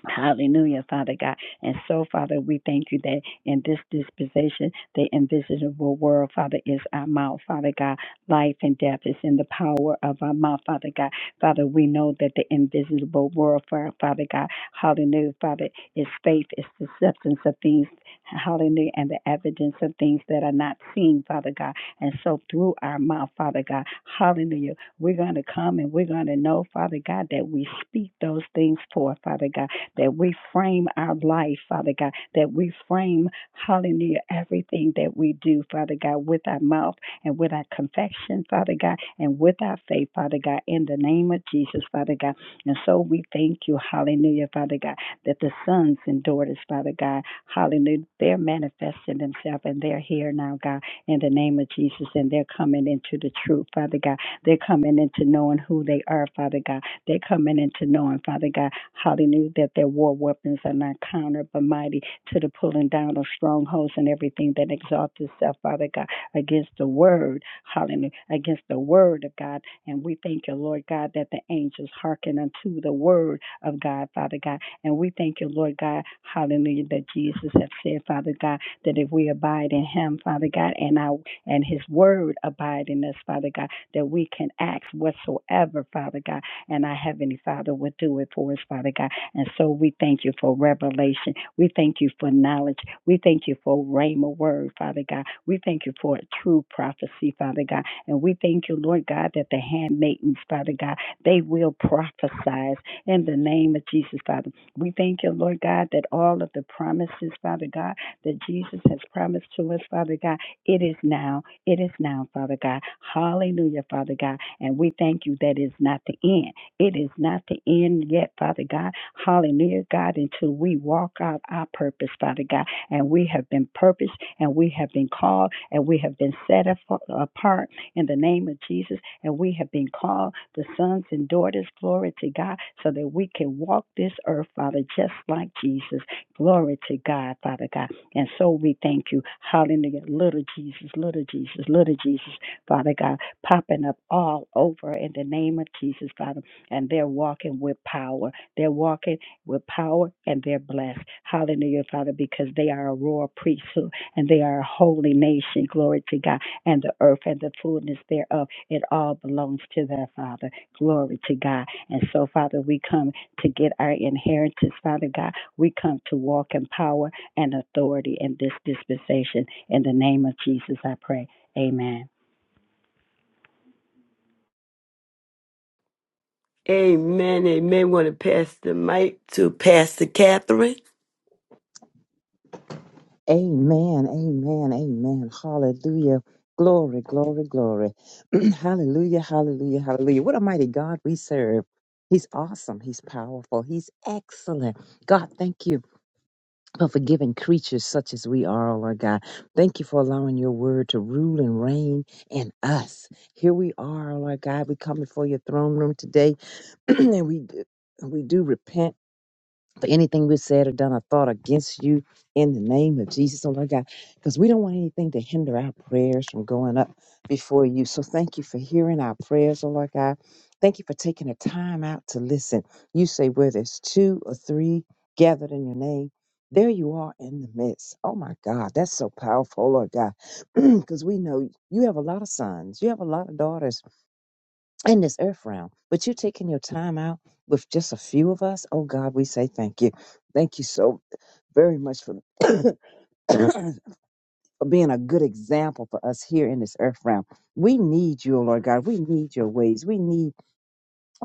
Speaker 2: Hallelujah, Father God. And so, Father, we thank you that in this dispensation, the invisible world, Father, is our mouth, Father God. Life and death is in the power of our mouth, Father God. Father, we know that the invisible world, Fa- Father God, hallelujah, Father, is faith, is the substance of things, hallelujah, and the evidence of things that are not seen, Father God. And so, through our mouth, Father God, hallelujah, we're going to come and we're going to know, Father God, that we speak those things forth, Father God that we frame our life, Father God, that we frame, hallelujah, everything that we do, Father God, with our mouth and with our confession, Father God, and with our faith, Father God, in the name of Jesus, Father God. And so we thank you, hallelujah, Father God, that the sons and daughters, Father God, hallelujah, they're manifesting themselves and they're here now, God, in the name of Jesus, and they're coming into the truth, Father God. They're coming into knowing who they are, Father God. They're coming into knowing, Father God Hallelujah. That their war weapons are not counter, but mighty to the pulling down of strongholds and everything that exalts itself, Father God, against the word. Hallelujah. Against the word of God. And we thank you, Lord God, that the angels hearken unto the word of God, Father God. And we thank you, Lord God, hallelujah, that Jesus has said, Father God, that if we abide in him, Father God, and our and his word abide in us, Father God, that we can ask whatsoever, Father God. And our Heavenly Father would do it for us, Father God. And so we thank you for revelation. We thank you for knowledge. We thank you for rhema word, Father God. We thank you for a true prophecy, Father God. And we thank you, Lord God, that the handmaidens, Father God, they will prophesy in the name of Jesus, Father. We thank you, Lord God, that all of the promises, Father God, that Jesus has promised to us, Father God, it is now. It is now, Father God. Hallelujah, Father God. And we thank you that it's not the end. It is not the end yet, Father God. Hallelujah, God, until we walk out our purpose, Father God. And we have been purposed and we have been called and we have been set apart in the name of Jesus. And we have been called the sons and daughters, glory to God, so that we can walk this earth, Father, just like Jesus. Glory to God, Father God. And so we thank you. Hallelujah. Little Jesus, little Jesus, little Jesus, Father God, popping up all over in the name of Jesus, Father and they're walking with power. They're walking with power and they're blessed. Hallelujah, Father, because they are a royal priesthood and they are a holy nation. Glory to God. And the earth and the fullness thereof, it all belongs to their Father. Glory to God. And so, Father, we come to get our inheritance, Father God. We come to walk in power and authority in this dispensation. In the name of Jesus, I pray. Amen.
Speaker 1: Amen. Amen. Want to pass the mic to Pastor Catherine.
Speaker 3: Amen, amen, amen. Hallelujah. Glory, glory, glory. hallelujah, hallelujah, hallelujah. What a mighty God we serve. He's awesome. He's powerful. He's excellent. God, thank you for forgiving creatures such as we are, oh Lord God. Thank you for allowing your word to rule and reign in us. Here we are, oh Lord God. We come before your throne room today and we, we do repent for anything we've said or done or thought against you in the name of Jesus, oh Lord God, because we don't want anything to hinder our prayers from going up before you. So thank you for hearing our prayers, oh Lord God. Thank you for taking the time out to listen. You say where there's two or three gathered in your name. There you are in the midst. Oh my God, that's so powerful, oh Lord God. Because we know you have a lot of sons, you have a lot of daughters in this earth realm. But you taking your time out with just a few of us. Oh God, we say thank you. Thank you so very much for, for being a good example for us here in this earth realm. We need you, oh Lord God. We need your ways. We need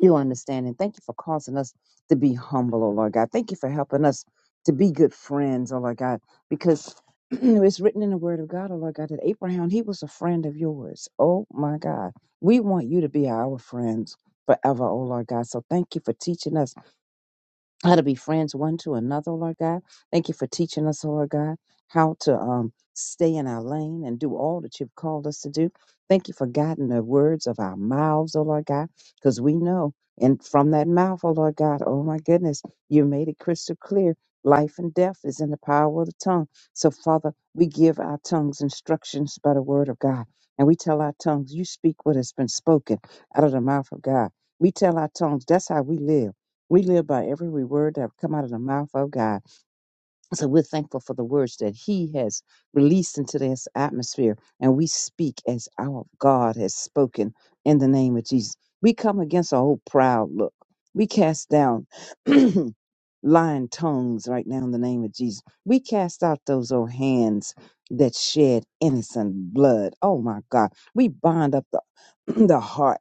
Speaker 3: you understand. And thank you for causing us to be humble, oh Lord God. Thank you for helping us to be good friends, oh Lord God, because it's written in the word of God, oh Lord God, that Abraham, he was a friend of yours. Oh my God. We want you to be our friends forever, oh Lord God. So thank you for teaching us how to be friends one to another, Lord God. Thank you for teaching us, Lord God, how to um, stay in our lane and do all that you've called us to do. Thank you for guiding the words of our mouths, oh Lord God, because we know, and from that mouth, oh Lord God, oh my goodness, you made it crystal clear. Life and death is in the power of the tongue. So, Father, we give our tongues instructions by the word of God. And we tell our tongues, you speak what has been spoken out of the mouth of God. We tell our tongues, that's how we live. We live by every word that have come out of the mouth of God. So we're thankful for the words that He has released into this atmosphere. And we speak as our God has spoken in the name of Jesus. We come against a whole proud look. We cast down lying tongues right now in the name of Jesus. We cast out those old hands that shed innocent blood. Oh my God. We bind up the, the heart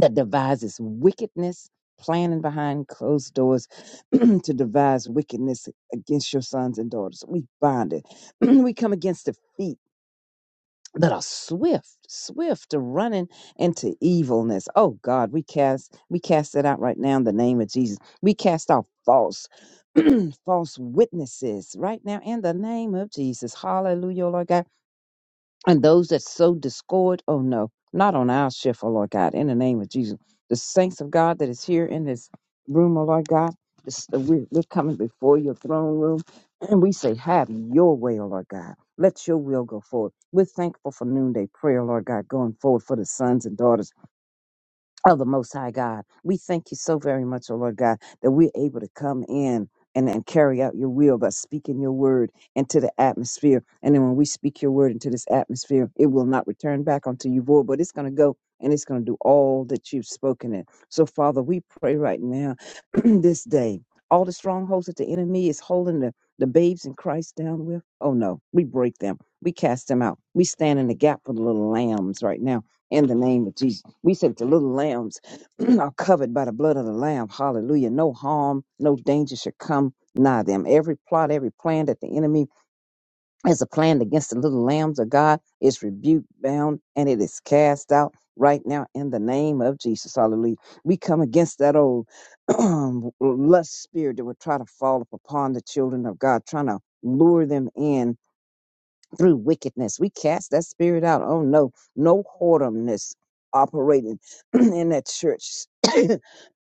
Speaker 3: that devises wickedness, planning behind closed doors to devise wickedness against your sons and daughters. We bind it. we come against the feet that are swift, swift to running into evilness. Oh God, we cast we cast it out right now in the name of Jesus. We cast out false. false witnesses right now in the name of Jesus. Hallelujah, Lord God. And those that sow discord, oh no, not on our shift, oh Lord God, in the name of Jesus. The saints of God that is here in this room, oh Lord God, this, uh, we're, we're coming before your throne room and we say, Have your way, oh Lord God. Let your will go forward. We're thankful for noonday prayer, Lord God, going forward for the sons and daughters of the Most High God. We thank you so very much, O Lord God, that we're able to come in and, and carry out your will by speaking your word into the atmosphere. And then when we speak your word into this atmosphere, it will not return back unto you void, but it's going to go and it's going to do all that you've spoken it. So, Father, we pray right now, this day, all the strongholds that the enemy is holding the, the babes in Christ down with, oh no, we break them. We cast them out. We stand in the gap for the little lambs right now in the name of Jesus. We said that the little lambs are covered by the blood of the Lamb. Hallelujah. No harm, no danger should come nigh them. Every plot, every plan that the enemy has a planned against the little lambs of God is rebuked, bound, and it is cast out right now in the name of Jesus. Hallelujah. We come against that old lust spirit that would try to fall upon the children of God, trying to lure them in through wickedness. We cast that spirit out. Oh no, no whoredomness operating in that church, in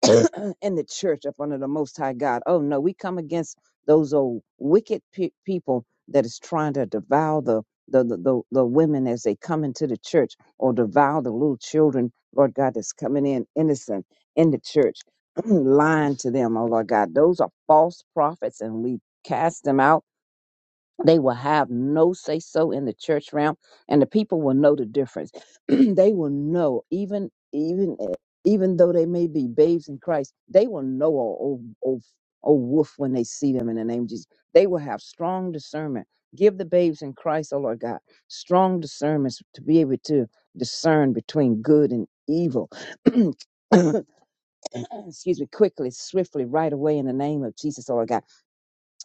Speaker 3: the church up under the Most High God. Oh no, we come against those old wicked pe- people that is trying to devour the the, the the the women as they come into the church or devour the little children, Lord God, that's coming in innocent in the church, lying to them, oh Lord God. Those are false prophets and we cast them out they will have no say so in the church realm, and the people will know the difference. they will know, even even eh, even though they may be babes in Christ, they will know a old, old, old wolf when they see them in the name of Jesus. They will have strong discernment. Give the babes in Christ, oh Lord God, strong discernments to be able to discern between good and evil. Excuse me, quickly, swiftly, right away in the name of Jesus, oh Lord God.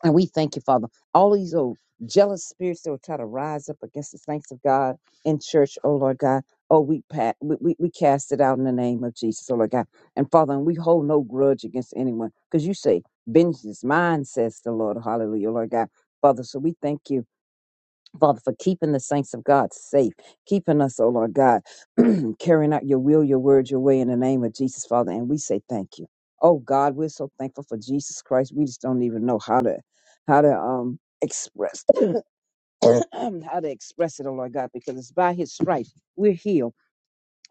Speaker 3: And we thank you, Father. All these old jealous spirits that will try to rise up against the saints of God in church, oh Lord God. Oh, we, pat, we, we we cast it out in the name of Jesus, oh Lord God. And Father, and we hold no grudge against anyone because you say, vengeance is mine, says the Lord. Hallelujah, Lord God. Father, so we thank you Father, for keeping the saints of God safe, keeping us, oh Lord God, carrying out your will, your word, your way in the name of Jesus, Father. And we say thank you. Oh God, we're so thankful for Jesus Christ. We just don't even know how to how to um express how to express it, oh Lord God, because it's by his stripes we're healed.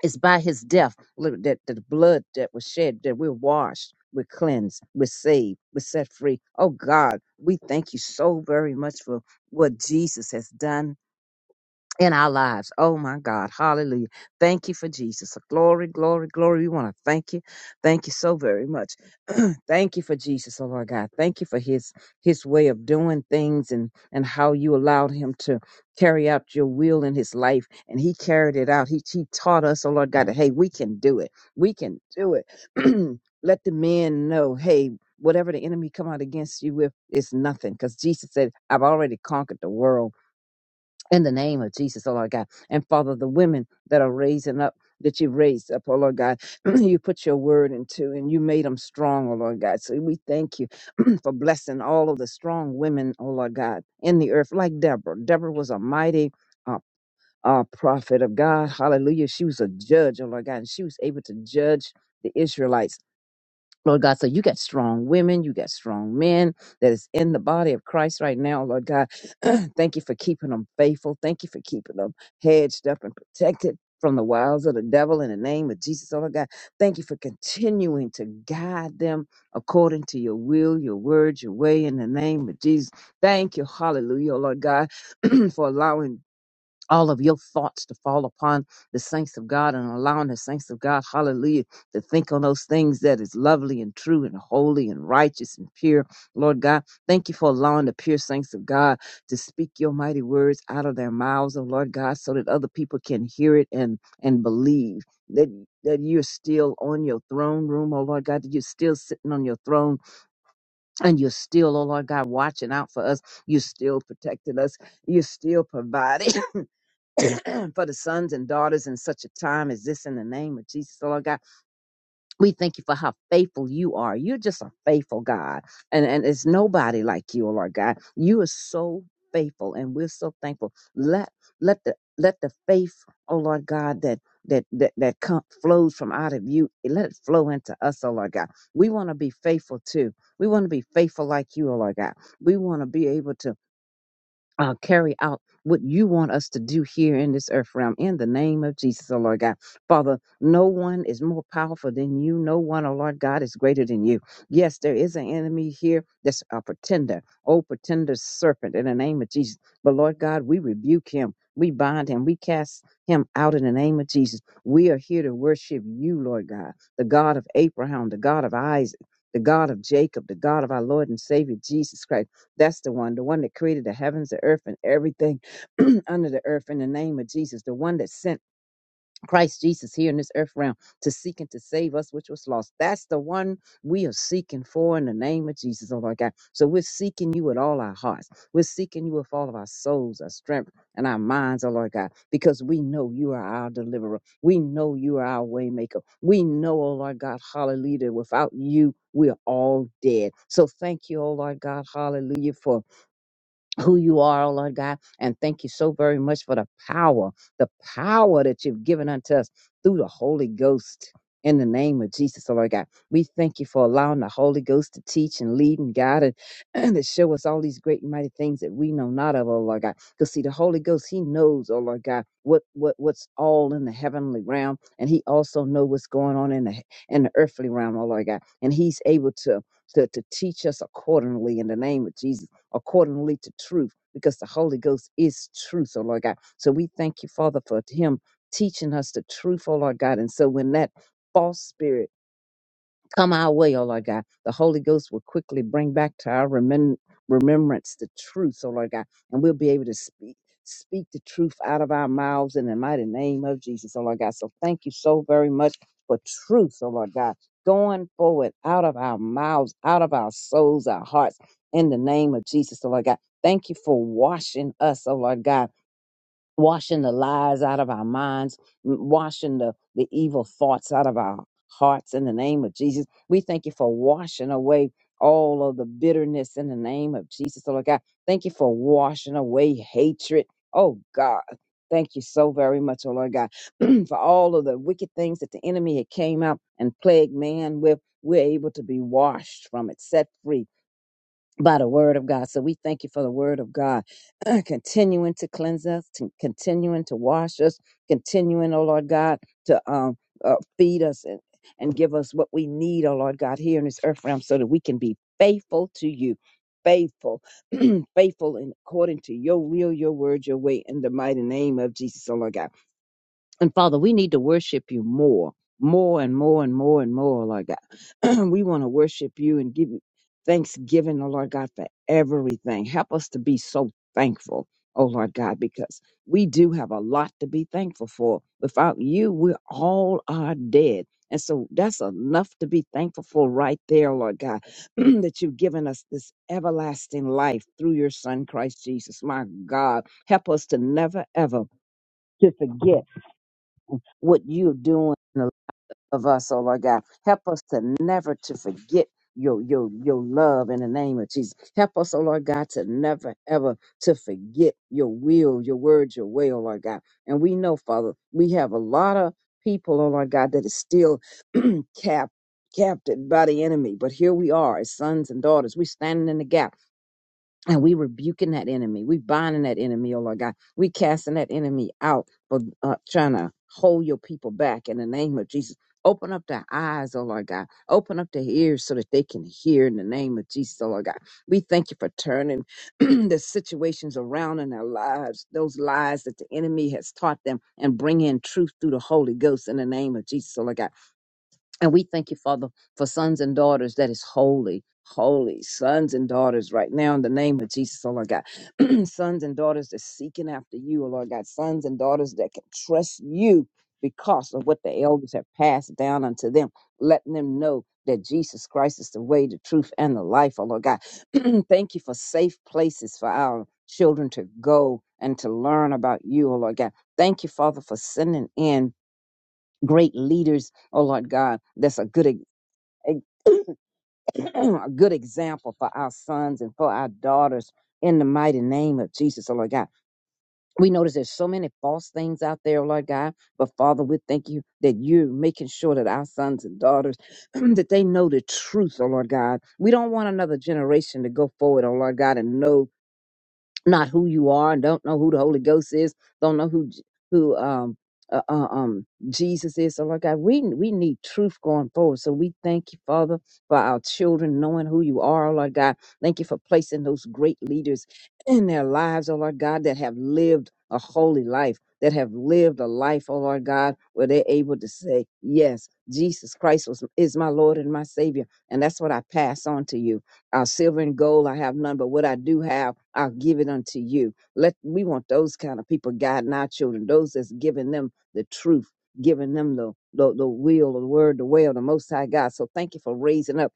Speaker 3: It's by his death li- that that the blood that was shed, that we're washed, we're cleansed, we're saved, we're set free. Oh God, we thank you so very much for what Jesus has done in our lives. Oh my God. Hallelujah. Thank you for Jesus. Glory, glory, glory. We want to thank you. Thank you so very much. thank you for Jesus, oh Lord God. Thank you for his his way of doing things and and how you allowed him to carry out your will in his life. And he carried it out. He he taught us, oh Lord God, that hey, we can do it. We can do it. Let the men know, hey, whatever the enemy come out against you with is nothing. Because Jesus said, I've already conquered the world in the name of Jesus, oh Lord God. And Father, the women that are raising up, that you raised up, oh Lord God, you put your word into and you made them strong, oh Lord God. So we thank you for blessing all of the strong women, oh Lord God, in the earth, like Deborah. Deborah was a mighty. Uh, uh, prophet of God, hallelujah. She was a judge, oh Lord God, and she was able to judge the Israelites Lord God, so you got strong women, you got strong men that is in the body of Christ right now, Lord God. Thank you for keeping them faithful. Thank you for keeping them hedged up and protected from the wiles of the devil in the name of Jesus, oh Lord God. Thank you for continuing to guide them according to your will, your word, your way in the name of Jesus. Thank you, hallelujah, oh Lord God, for allowing all of your thoughts to fall upon the saints of God and allowing the saints of God, hallelujah, to think on those things that is lovely and true and holy and righteous and pure. Lord God, thank you for allowing the pure saints of God to speak your mighty words out of their mouths, oh Lord God, so that other people can hear it and and believe that that you're still on your throne room, oh Lord God, that you're still sitting on your throne and you're still, oh Lord God, watching out for us. You're still protecting us. You're still providing. for the sons and daughters in such a time as this in the name of Jesus, oh Lord God. We thank you for how faithful you are. You're just a faithful God. And and it's nobody like you, oh Lord God. You are so faithful and we're so thankful. Let let the let the faith, oh Lord God, that that that that come, flows from out of you, let it flow into us, oh Lord God. We want to be faithful too. We want to be faithful like you, oh Lord God. We want to be able to uh, carry out what you want us to do here in this earth realm in the name of Jesus, oh Lord God. Father, no one is more powerful than you. No one, oh Lord God, is greater than you. Yes, there is an enemy here that's a pretender, oh pretender serpent in the name of Jesus. But Lord God, we rebuke him. We bind him. We cast him out in the name of Jesus. We are here to worship you, Lord God, the God of Abraham, the God of Isaac, the God of Jacob, the God of our Lord and Savior Jesus Christ. That's the one, the one that created the heavens, the earth, and everything under the earth in the name of Jesus, the one that sent Christ Jesus here in this earth realm to seek and to save us, which was lost. That's the one we are seeking for in the name of Jesus, oh Lord God. So we're seeking you with all our hearts. We're seeking you with all of our souls, our strength, and our minds, oh Lord God, because we know you are our deliverer. We know you are our waymaker. We know, oh Lord God, hallelujah, that without you, we are all dead. So thank you, oh Lord God, hallelujah, for who you are, oh Lord God. And thank you so very much for the power, the power that you've given unto us through the Holy Ghost. In the name of Jesus, oh Lord God, we thank you for allowing the Holy Ghost to teach and lead and guide and, and to show us all these great and mighty things that we know not of, oh Lord God. Because see, the Holy Ghost, He knows, oh Lord God, what what what's all in the heavenly realm, and He also knows what's going on in the in the earthly realm, oh Lord God, and He's able to to, to teach us accordingly in the name of Jesus accordingly to truth, because the Holy Ghost is truth, oh Lord God. So we thank you, Father, for Him teaching us the truth, oh Lord God. And so when that false spirit come our way, O Lord God. The Holy Ghost will quickly bring back to our remem- remembrance the truth, O Lord God, and we'll be able to speak speak the truth out of our mouths in the mighty name of Jesus, O Lord God. So thank you so very much for truth, O Lord God, going forward out of our mouths, out of our souls, our hearts, in the name of Jesus, O Lord God. Thank you for washing us, O Lord God washing the lies out of our minds, m- washing the, the evil thoughts out of our hearts in the name of Jesus. We thank you for washing away all of the bitterness in the name of Jesus, oh Lord God. Thank you for washing away hatred. Oh God. Thank you so very much, oh Lord God, for all of the wicked things that the enemy had came out and plagued man with. We're able to be washed from it, set free by the word of God. So we thank you for the word of God, continuing to cleanse us, to continuing to wash us, continuing, oh Lord God, to um, uh, feed us and, and give us what we need, oh Lord God, here in this earth realm so that we can be faithful to you. Faithful, faithful, and according to your will, your word, your way, in the mighty name of Jesus, oh Lord God. And Father, we need to worship you more, more and more and more and more, Lord God. we want to worship you and give you thanksgiving, oh Lord God, for everything. Help us to be so thankful, oh Lord God, because we do have a lot to be thankful for. Without you, we all are dead. And so that's enough to be thankful for right there, Lord God, that you've given us this everlasting life through your Son, Christ Jesus. My God, help us to never, ever to forget what you're doing in the love of us, oh Lord God. Help us to never to forget your your your love in the name of Jesus. Help us, oh Lord God, to never ever to forget your will, your word, your way, oh Lord God. And we know, Father, we have a lot of people, oh Lord God, that is still cap captured by the enemy. But here we are as sons and daughters. We're standing in the gap. And we rebuking that enemy. We binding that enemy, oh Lord God. We casting that enemy out for uh, trying to hold your people back in the name of Jesus. Open up their eyes, oh Lord God. Open up their ears so that they can hear in the name of Jesus, oh Lord God. We thank you for turning the situations around in their lives, those lies that the enemy has taught them, and bring in truth through the Holy Ghost in the name of Jesus, oh Lord God. And we thank you, Father, for sons and daughters that is holy, holy sons and daughters right now in the name of Jesus, oh Lord God. sons and daughters that's seeking after you, oh Lord God. Sons and daughters that can trust you because of what the elders have passed down unto them, letting them know that Jesus Christ is the way, the truth, and the life, oh Lord God. thank you for safe places for our children to go and to learn about you, oh Lord God. Thank you, Father, for sending in great leaders, oh Lord God, that's a good ex- a good example for our sons and for our daughters in the mighty name of Jesus, oh Lord God. We notice there's so many false things out there, oh Lord God, but Father, we thank you that you're making sure that our sons and daughters that they know the truth, oh Lord God. We don't want another generation to go forward, oh Lord God, and know not who you are and don't know who the Holy Ghost is, don't know who J- who um uh, uh, um Jesus is. So Lord God, we we need truth going forward. So we thank you, Father, for our children knowing who you are, oh Lord God. Thank you for placing those great leaders in their lives, oh Lord God, that have lived a holy life, that have lived a life, oh Lord God, where they're able to say, Yes, Jesus Christ was is my Lord and my Savior. And that's what I pass on to you. Our silver and gold I have none, but what I do have, I'll give it unto you. Let we want those kind of people guiding our children, those that's giving them the truth, giving them the the, the will, the word, the way of the most high God. So thank you for raising up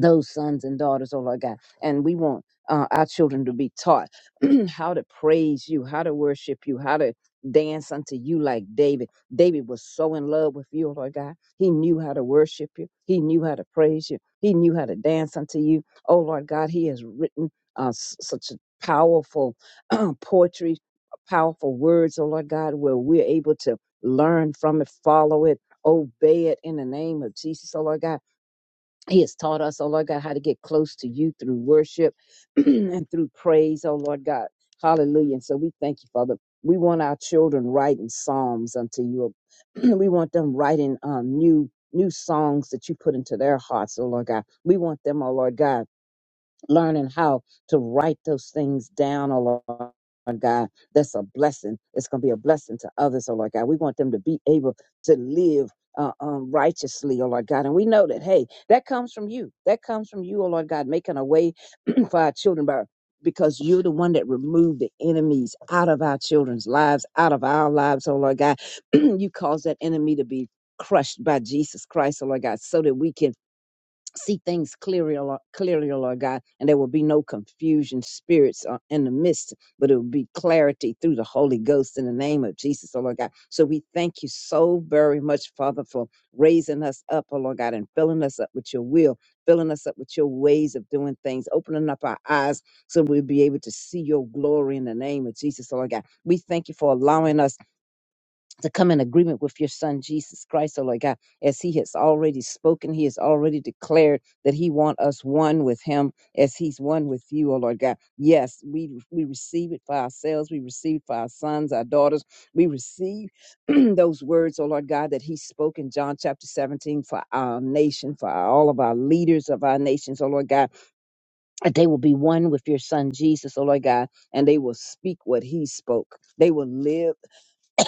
Speaker 3: those sons and daughters, oh Lord God. And we want uh, our children to be taught how to praise you, how to worship you, how to dance unto you like David. David was so in love with you, oh Lord God. He knew how to worship you, he knew how to praise you, he knew how to dance unto you. Oh Lord God, he has written uh, s- such a powerful poetry, powerful words, oh Lord God, where we're able to learn from it, follow it. Obey it in the name of Jesus, oh Lord God he has taught us, oh Lord God, how to get close to you through worship and through praise, oh Lord God. Hallelujah. And so we thank you, Father. We want our children writing psalms unto you. we want them writing um, new new songs that you put into their hearts, oh Lord God. We want them, oh Lord God learning how to write those things down, oh Lord God. That's a blessing. It's going to be a blessing to others, oh Lord God. We want them to be able to live. Uh, um, righteously, oh Lord God. And we know that, hey, that comes from you. That comes from you, oh Lord God, making a way for our children by, because you're the one that removed the enemies out of our children's lives, out of our lives, oh Lord God. you caused that enemy to be crushed by Jesus Christ, oh Lord God, so that we can see things clearly, Lord- clearly, Lord God, and there will be no confusion spirits uh, in the midst, but it will be clarity through the Holy Ghost in the name of Jesus, oh Lord God. So we thank you so very much, Father, for raising us up, oh Lord God, and filling us up with your will, filling us up with your ways of doing things, opening up our eyes so we'll be able to see your glory in the name of Jesus, oh Lord God. We thank you for allowing us to come in agreement with your son Jesus Christ, oh Lord God, as he has already spoken, he has already declared that he want us one with him as he's one with you, oh Lord God. Yes, we we receive it for ourselves, we receive for our sons, our daughters, we receive those words, oh Lord God, that he spoke in John chapter 17 for our nation, for our, all of our leaders of our nations, oh Lord God, that they will be one with your son Jesus, oh Lord God, and they will speak what he spoke. They will live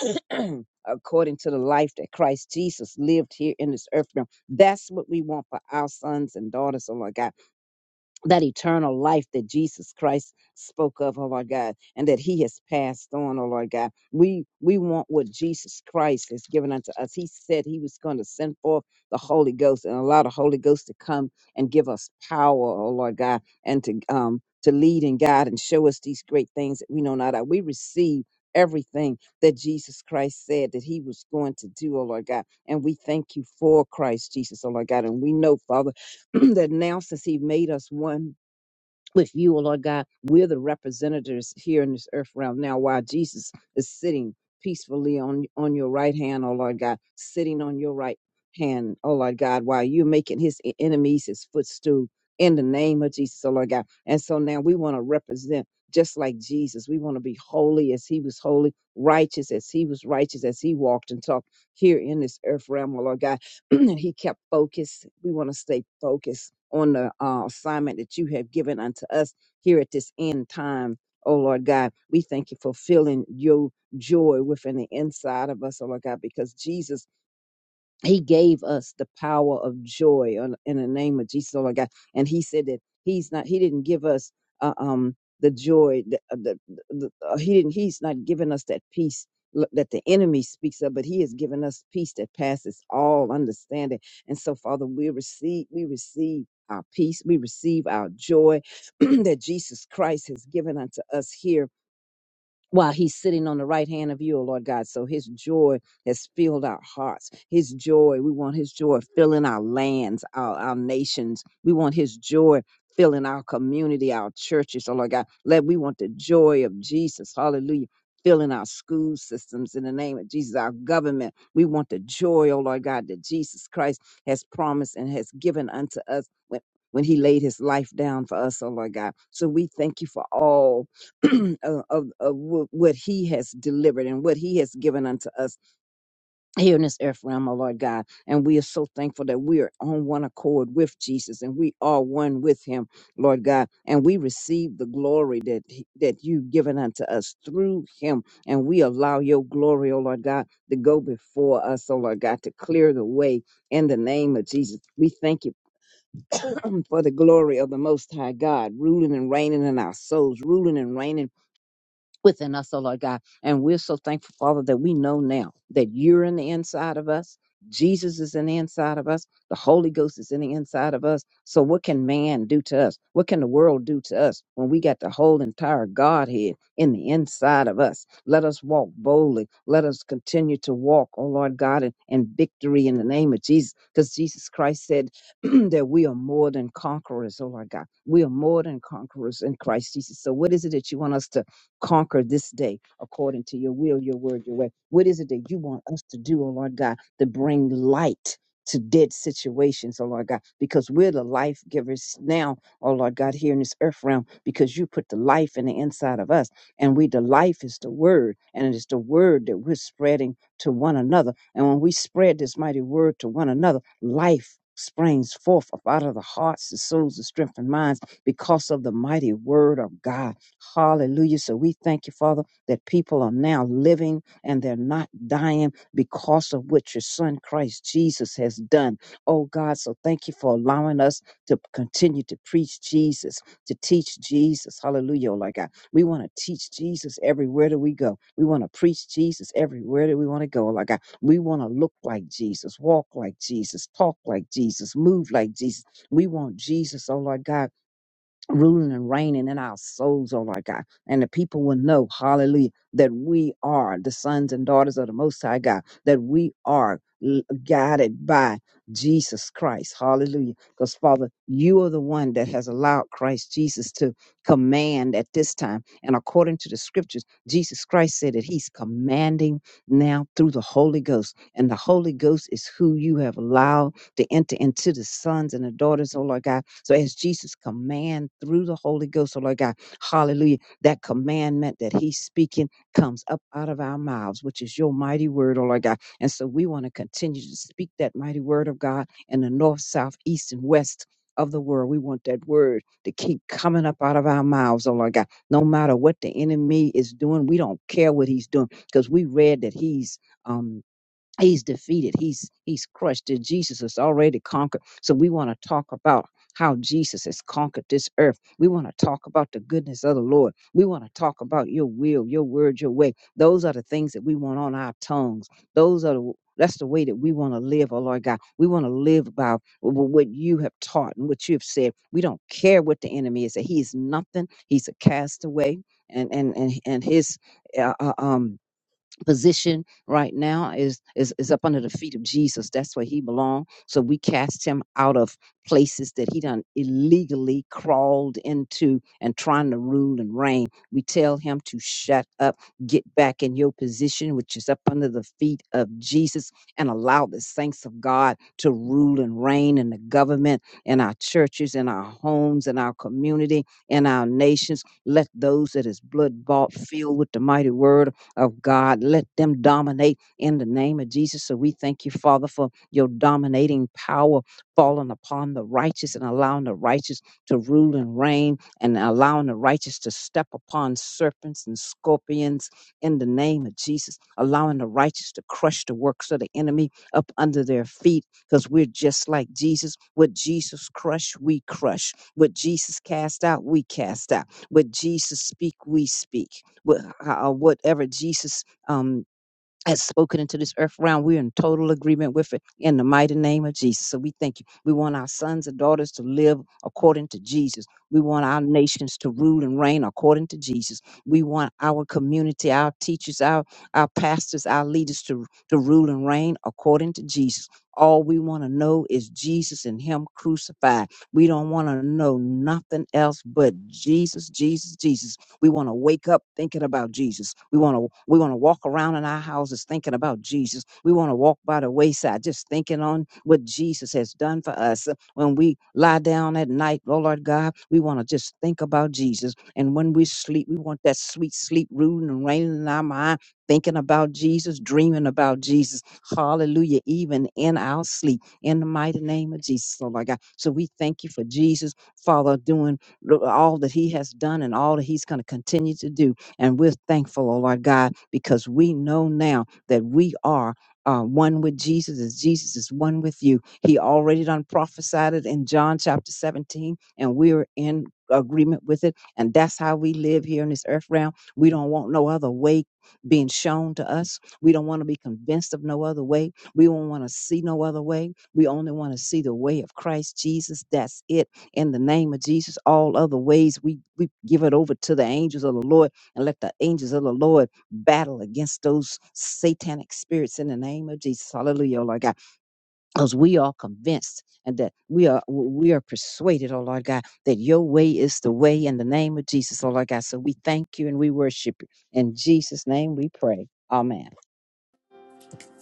Speaker 3: according to the life that Christ Jesus lived here in this earth realm. That's what we want for our sons and daughters, oh Lord God that eternal life that Jesus Christ spoke of, oh Lord God, and that He has passed on, oh Lord God. We we want what Jesus Christ has given unto us. He said He was going to send forth the Holy Ghost and allow the Holy Ghost to come and give us power, oh Lord God, and to um to lead and guide and show us these great things that we know not of. We receive everything that Jesus Christ said that he was going to do, oh Lord God. And we thank you for Christ Jesus, oh Lord God. And we know, Father that now since he made us one with you, O Lord God, we're the representatives here in this earth realm now while Jesus is sitting peacefully on, on your right hand, O Lord God, sitting on your right hand, O Lord God, while you're making his e- enemies his footstool in the name of Jesus, O Lord God. And so now we want to represent just like Jesus. We want to be holy as he was holy, righteous as he was righteous, as he walked and talked here in this earth realm, O Lord God. he kept focused. We want to stay focused on the uh, assignment that you have given unto us here at this end time. Oh Lord God, we thank you for filling your joy within the inside of us, oh Lord God, because Jesus he gave us the power of joy on- in the name of Jesus, oh my God. And He said that He's not. He didn't give us uh, um the joy. The, uh, the, the, uh, he didn't. He's not giving us that peace l- that the enemy speaks of, but He has given us peace that passes all understanding. And so, Father, we receive. We receive. Our peace, we receive our joy that Jesus Christ has given unto us here while he's sitting on the right hand of you, O Lord God. So his joy has filled our hearts. His joy, we want his joy filling our lands, our, our nations. We want his joy filling our community, our churches, oh Lord God. Let we want the joy of Jesus. Hallelujah. Filling our school systems in the name of Jesus, our government. We want the joy, oh Lord God, that Jesus Christ has promised and has given unto us when, when he laid his life down for us, oh Lord God. So we thank you for all of, of, of what he has delivered and what he has given unto us here in this earth realm, oh Lord God. And we are so thankful that we are on one accord with Jesus and we are one with him, Lord God. And we receive the glory that, he- that you've given unto us through him. And we allow your glory, oh Lord God, to go before us, oh Lord God, to clear the way in the name of Jesus. We thank you for the glory of the Most High God, ruling and reigning in our souls, ruling and reigning within us, oh Lord God. And we're so thankful, Father, that we know now that you're in the inside of us. Jesus is in the inside of us. The Holy Ghost is in the inside of us. So what can man do to us? What can the world do to us when we got the whole entire Godhead in the inside of us? Let us walk boldly. Let us continue to walk, oh Lord God, in, in victory in the name of Jesus. Because Jesus Christ said that we are more than conquerors, oh Lord God. We are more than conquerors in Christ Jesus. So what is it that you want us to conquer this day according to your will, your word, your way. What is it that you want us to do, oh Lord God, to bring light to dead situations, oh Lord God, because we're the life givers now, oh Lord God, here in this earth realm, because you put the life in the inside of us. And we, the life is the word, and it is the word that we're spreading to one another. And when we spread this mighty word to one another, life springs forth up out of the hearts, the souls, the strength, and minds because of the mighty word of God. Hallelujah. So we thank you, Father, that people are now living and they're not dying because of what your son Christ Jesus has done. Oh God, so thank you for allowing us to continue to preach Jesus, to teach Jesus. Hallelujah, oh Lord God. We want to teach Jesus everywhere that we go. We want to preach Jesus everywhere that we want to go, oh Lord God. We want to look like Jesus, walk like Jesus, talk like Jesus, move like Jesus. We want Jesus, oh Lord God ruling and reigning in our souls, oh Lord God. And the people will know, hallelujah, that we are the sons and daughters of the Most High God, that we are l- guided by Jesus Christ, hallelujah. Because, Father, you are the one that has allowed Christ Jesus to command at this time. And according to the scriptures, Jesus Christ said that he's commanding now through the Holy Ghost. And the Holy Ghost is who you have allowed to enter into the sons and the daughters, oh Lord God. So as Jesus command through the Holy Ghost, oh Lord God, hallelujah, that commandment that he's speaking comes up out of our mouths, which is your mighty word, oh Lord God. And so we want to continue to speak that mighty word of God in the north, south, east, and west of the world. We want that word to keep coming up out of our mouths, oh Lord God. No matter what the enemy is doing, we don't care what he's doing because we read that he's um He's defeated. He's he's crushed. That Jesus has already conquered. So we want to talk about how Jesus has conquered this earth. We want to talk about the goodness of the Lord. We want to talk about your will, your word, your way. Those are the things that we want on our tongues. Those are the that's the way that we want to live, oh Lord God. We want to live by wh- what you have taught and what you have said. We don't care what the enemy is. That he is nothing. He's a castaway, and and and and his uh, uh, um position right now is is is up under the feet of Jesus. That's where he belongs. So we cast him out of places that he done illegally crawled into and trying to rule and reign. We tell him to shut up, get back in your position, which is up under the feet of Jesus, and allow the saints of God to rule and reign in the government, in our churches, in our homes, in our community, in our nations. Let those that is blood bought, filled with the mighty word of God. Let them dominate in the name of Jesus. So we thank you, Father, for your dominating power falling upon the righteous and allowing the righteous to rule and reign and allowing the righteous to step upon serpents and scorpions in the name of Jesus, allowing the righteous to crush the works of the enemy up under their feet because we're just like Jesus. What Jesus crushed, we crush. What Jesus cast out, we cast out. What Jesus speak, we speak wh- how, uh, whatever Jesus um, has spoken into this earth realm, we're in total agreement with it in the mighty name of Jesus. So we thank you. We want our sons and daughters to live according to Jesus. We want our nations to rule and reign according to Jesus. We want our community, our teachers, our, our pastors, our leaders to, to rule and reign according to Jesus. All we want to know is Jesus and Him crucified. We don't want to know nothing else but Jesus, Jesus, Jesus. We want to wake up thinking about Jesus. We want to we want to walk around in our houses thinking about Jesus. We want to walk by the wayside just thinking on what Jesus has done for us. When we lie down at night, oh Lord God, we want to just think about Jesus. And when we sleep, we want that sweet sleep rooting and reigning in our mind, thinking about Jesus, dreaming about Jesus. Hallelujah. Even in our sleep, in the mighty name of Jesus, oh Lord God. So we thank you for Jesus, Father, doing lo- all that He has done and all that He's going to continue to do. And we're thankful, oh Lord God, because we know now that we are. Uh, one with Jesus as Jesus is one with you. He already done prophesied it in John chapter 17, and we're in agreement with it. And that's how we live here in this earth realm. We don't want no other way being shown to us. We don't want to be convinced of no other way. We don't want to see no other way. We only want to see the way of Christ Jesus. That's it in the name of Jesus. All other ways, we, we give it over to the angels of the Lord and let the angels of the Lord battle against those satanic spirits in the name of Jesus. Hallelujah, oh Lord God. Because we are convinced and that we are we are persuaded, oh Lord God, that your way is the way in the name of Jesus, oh Lord God. So we thank you and we worship you. In Jesus' name we pray. Amen.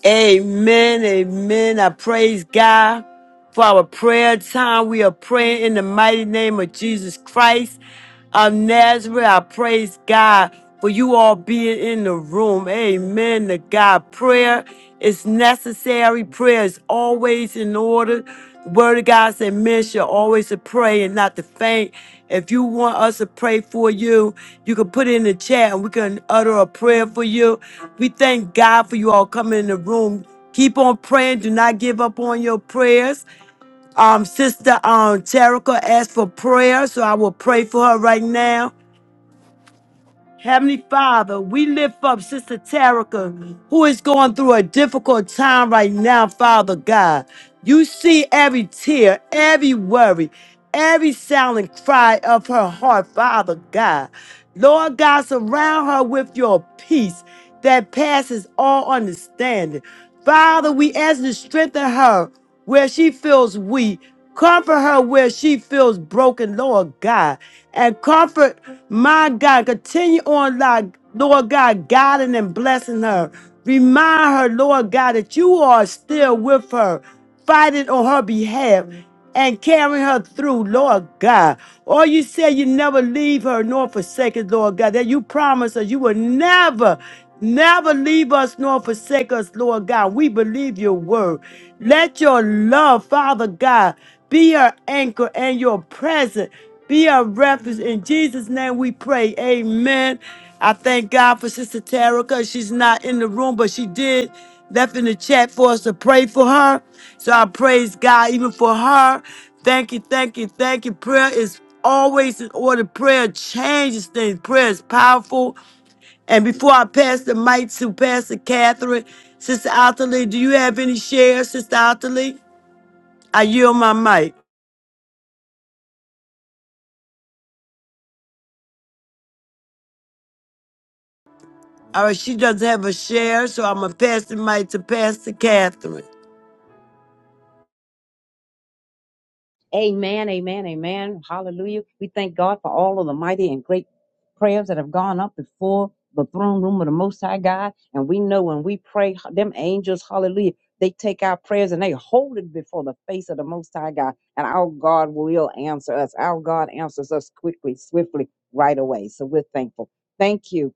Speaker 1: Amen. Amen. I praise God. for our prayer time. We are praying in the mighty name of Jesus Christ of Nazareth. I praise God for you all being in the room. Amen. To God, prayer is necessary. Prayer is always in order. The Word of God said, men shall always to pray and not to faint. If you want us to pray for you, you can put it in the chat and we can utter a prayer for you. We thank God for you all coming in the room. Keep on praying. Do not give up on your prayers. Um, Sister um, Terica asked for prayer, so I will pray for her right now. Heavenly Father, we lift up Sister Terica, who is going through a difficult time right now, Father God. You see every tear, every worry, every silent cry of her heart, Father God. Lord God, surround her with your peace that passes all understanding. Father, we ask you to strengthen her where she feels weak. Comfort her where she feels broken, Lord God. And comfort my God. Continue on, Lord Lord God, guiding and blessing her. Remind her, Lord God, that you are still with her, fighting on her behalf and carrying her through, Lord God. Or you say you never leave her nor forsake her, Lord God, that you promise her you will never. Never leave us nor forsake us, Lord God. We believe your word. Let your love, Father God, be our anchor and your presence be our refuge. In Jesus' name we pray. Amen. I thank God for Sister Terica. She's not in the room, but she did left in the chat for us to pray for her. So I praise God even for her. Thank you, thank you, thank you. Prayer is always in order. Prayer changes things. Prayer is powerful. And before I pass the mic to Pastor Catherine, Sister Otterly, do you have any shares, Sister Otterly? I yield my mic. All right, she doesn't have a share, so I'm going to pass the mic to Pastor Catherine.
Speaker 3: Amen, amen, amen. Hallelujah. We thank God for all of the mighty and great prayers that have gone up before the throne room of the Most High God. And we know when we pray, them angels, hallelujah, they take our prayers and they hold it before the face of the Most High God. And our God will answer us. Our God answers us quickly, swiftly, right away. So we're thankful. Thank you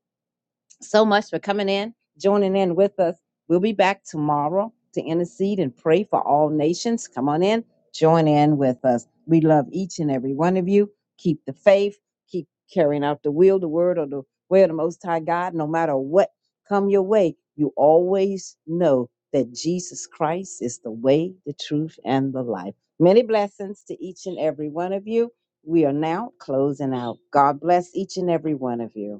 Speaker 3: so much for coming in, joining in with us. We'll be back tomorrow to intercede and pray for all nations. Come on in, join in with us. We love each and every one of you. Keep the faith, keep carrying out the will, the word, or the way of the Most High God. No matter what come your way, you always know that Jesus Christ is the way, the truth, and the life. Many blessings to each and every one of you. We are now closing out. God bless each and every one of you.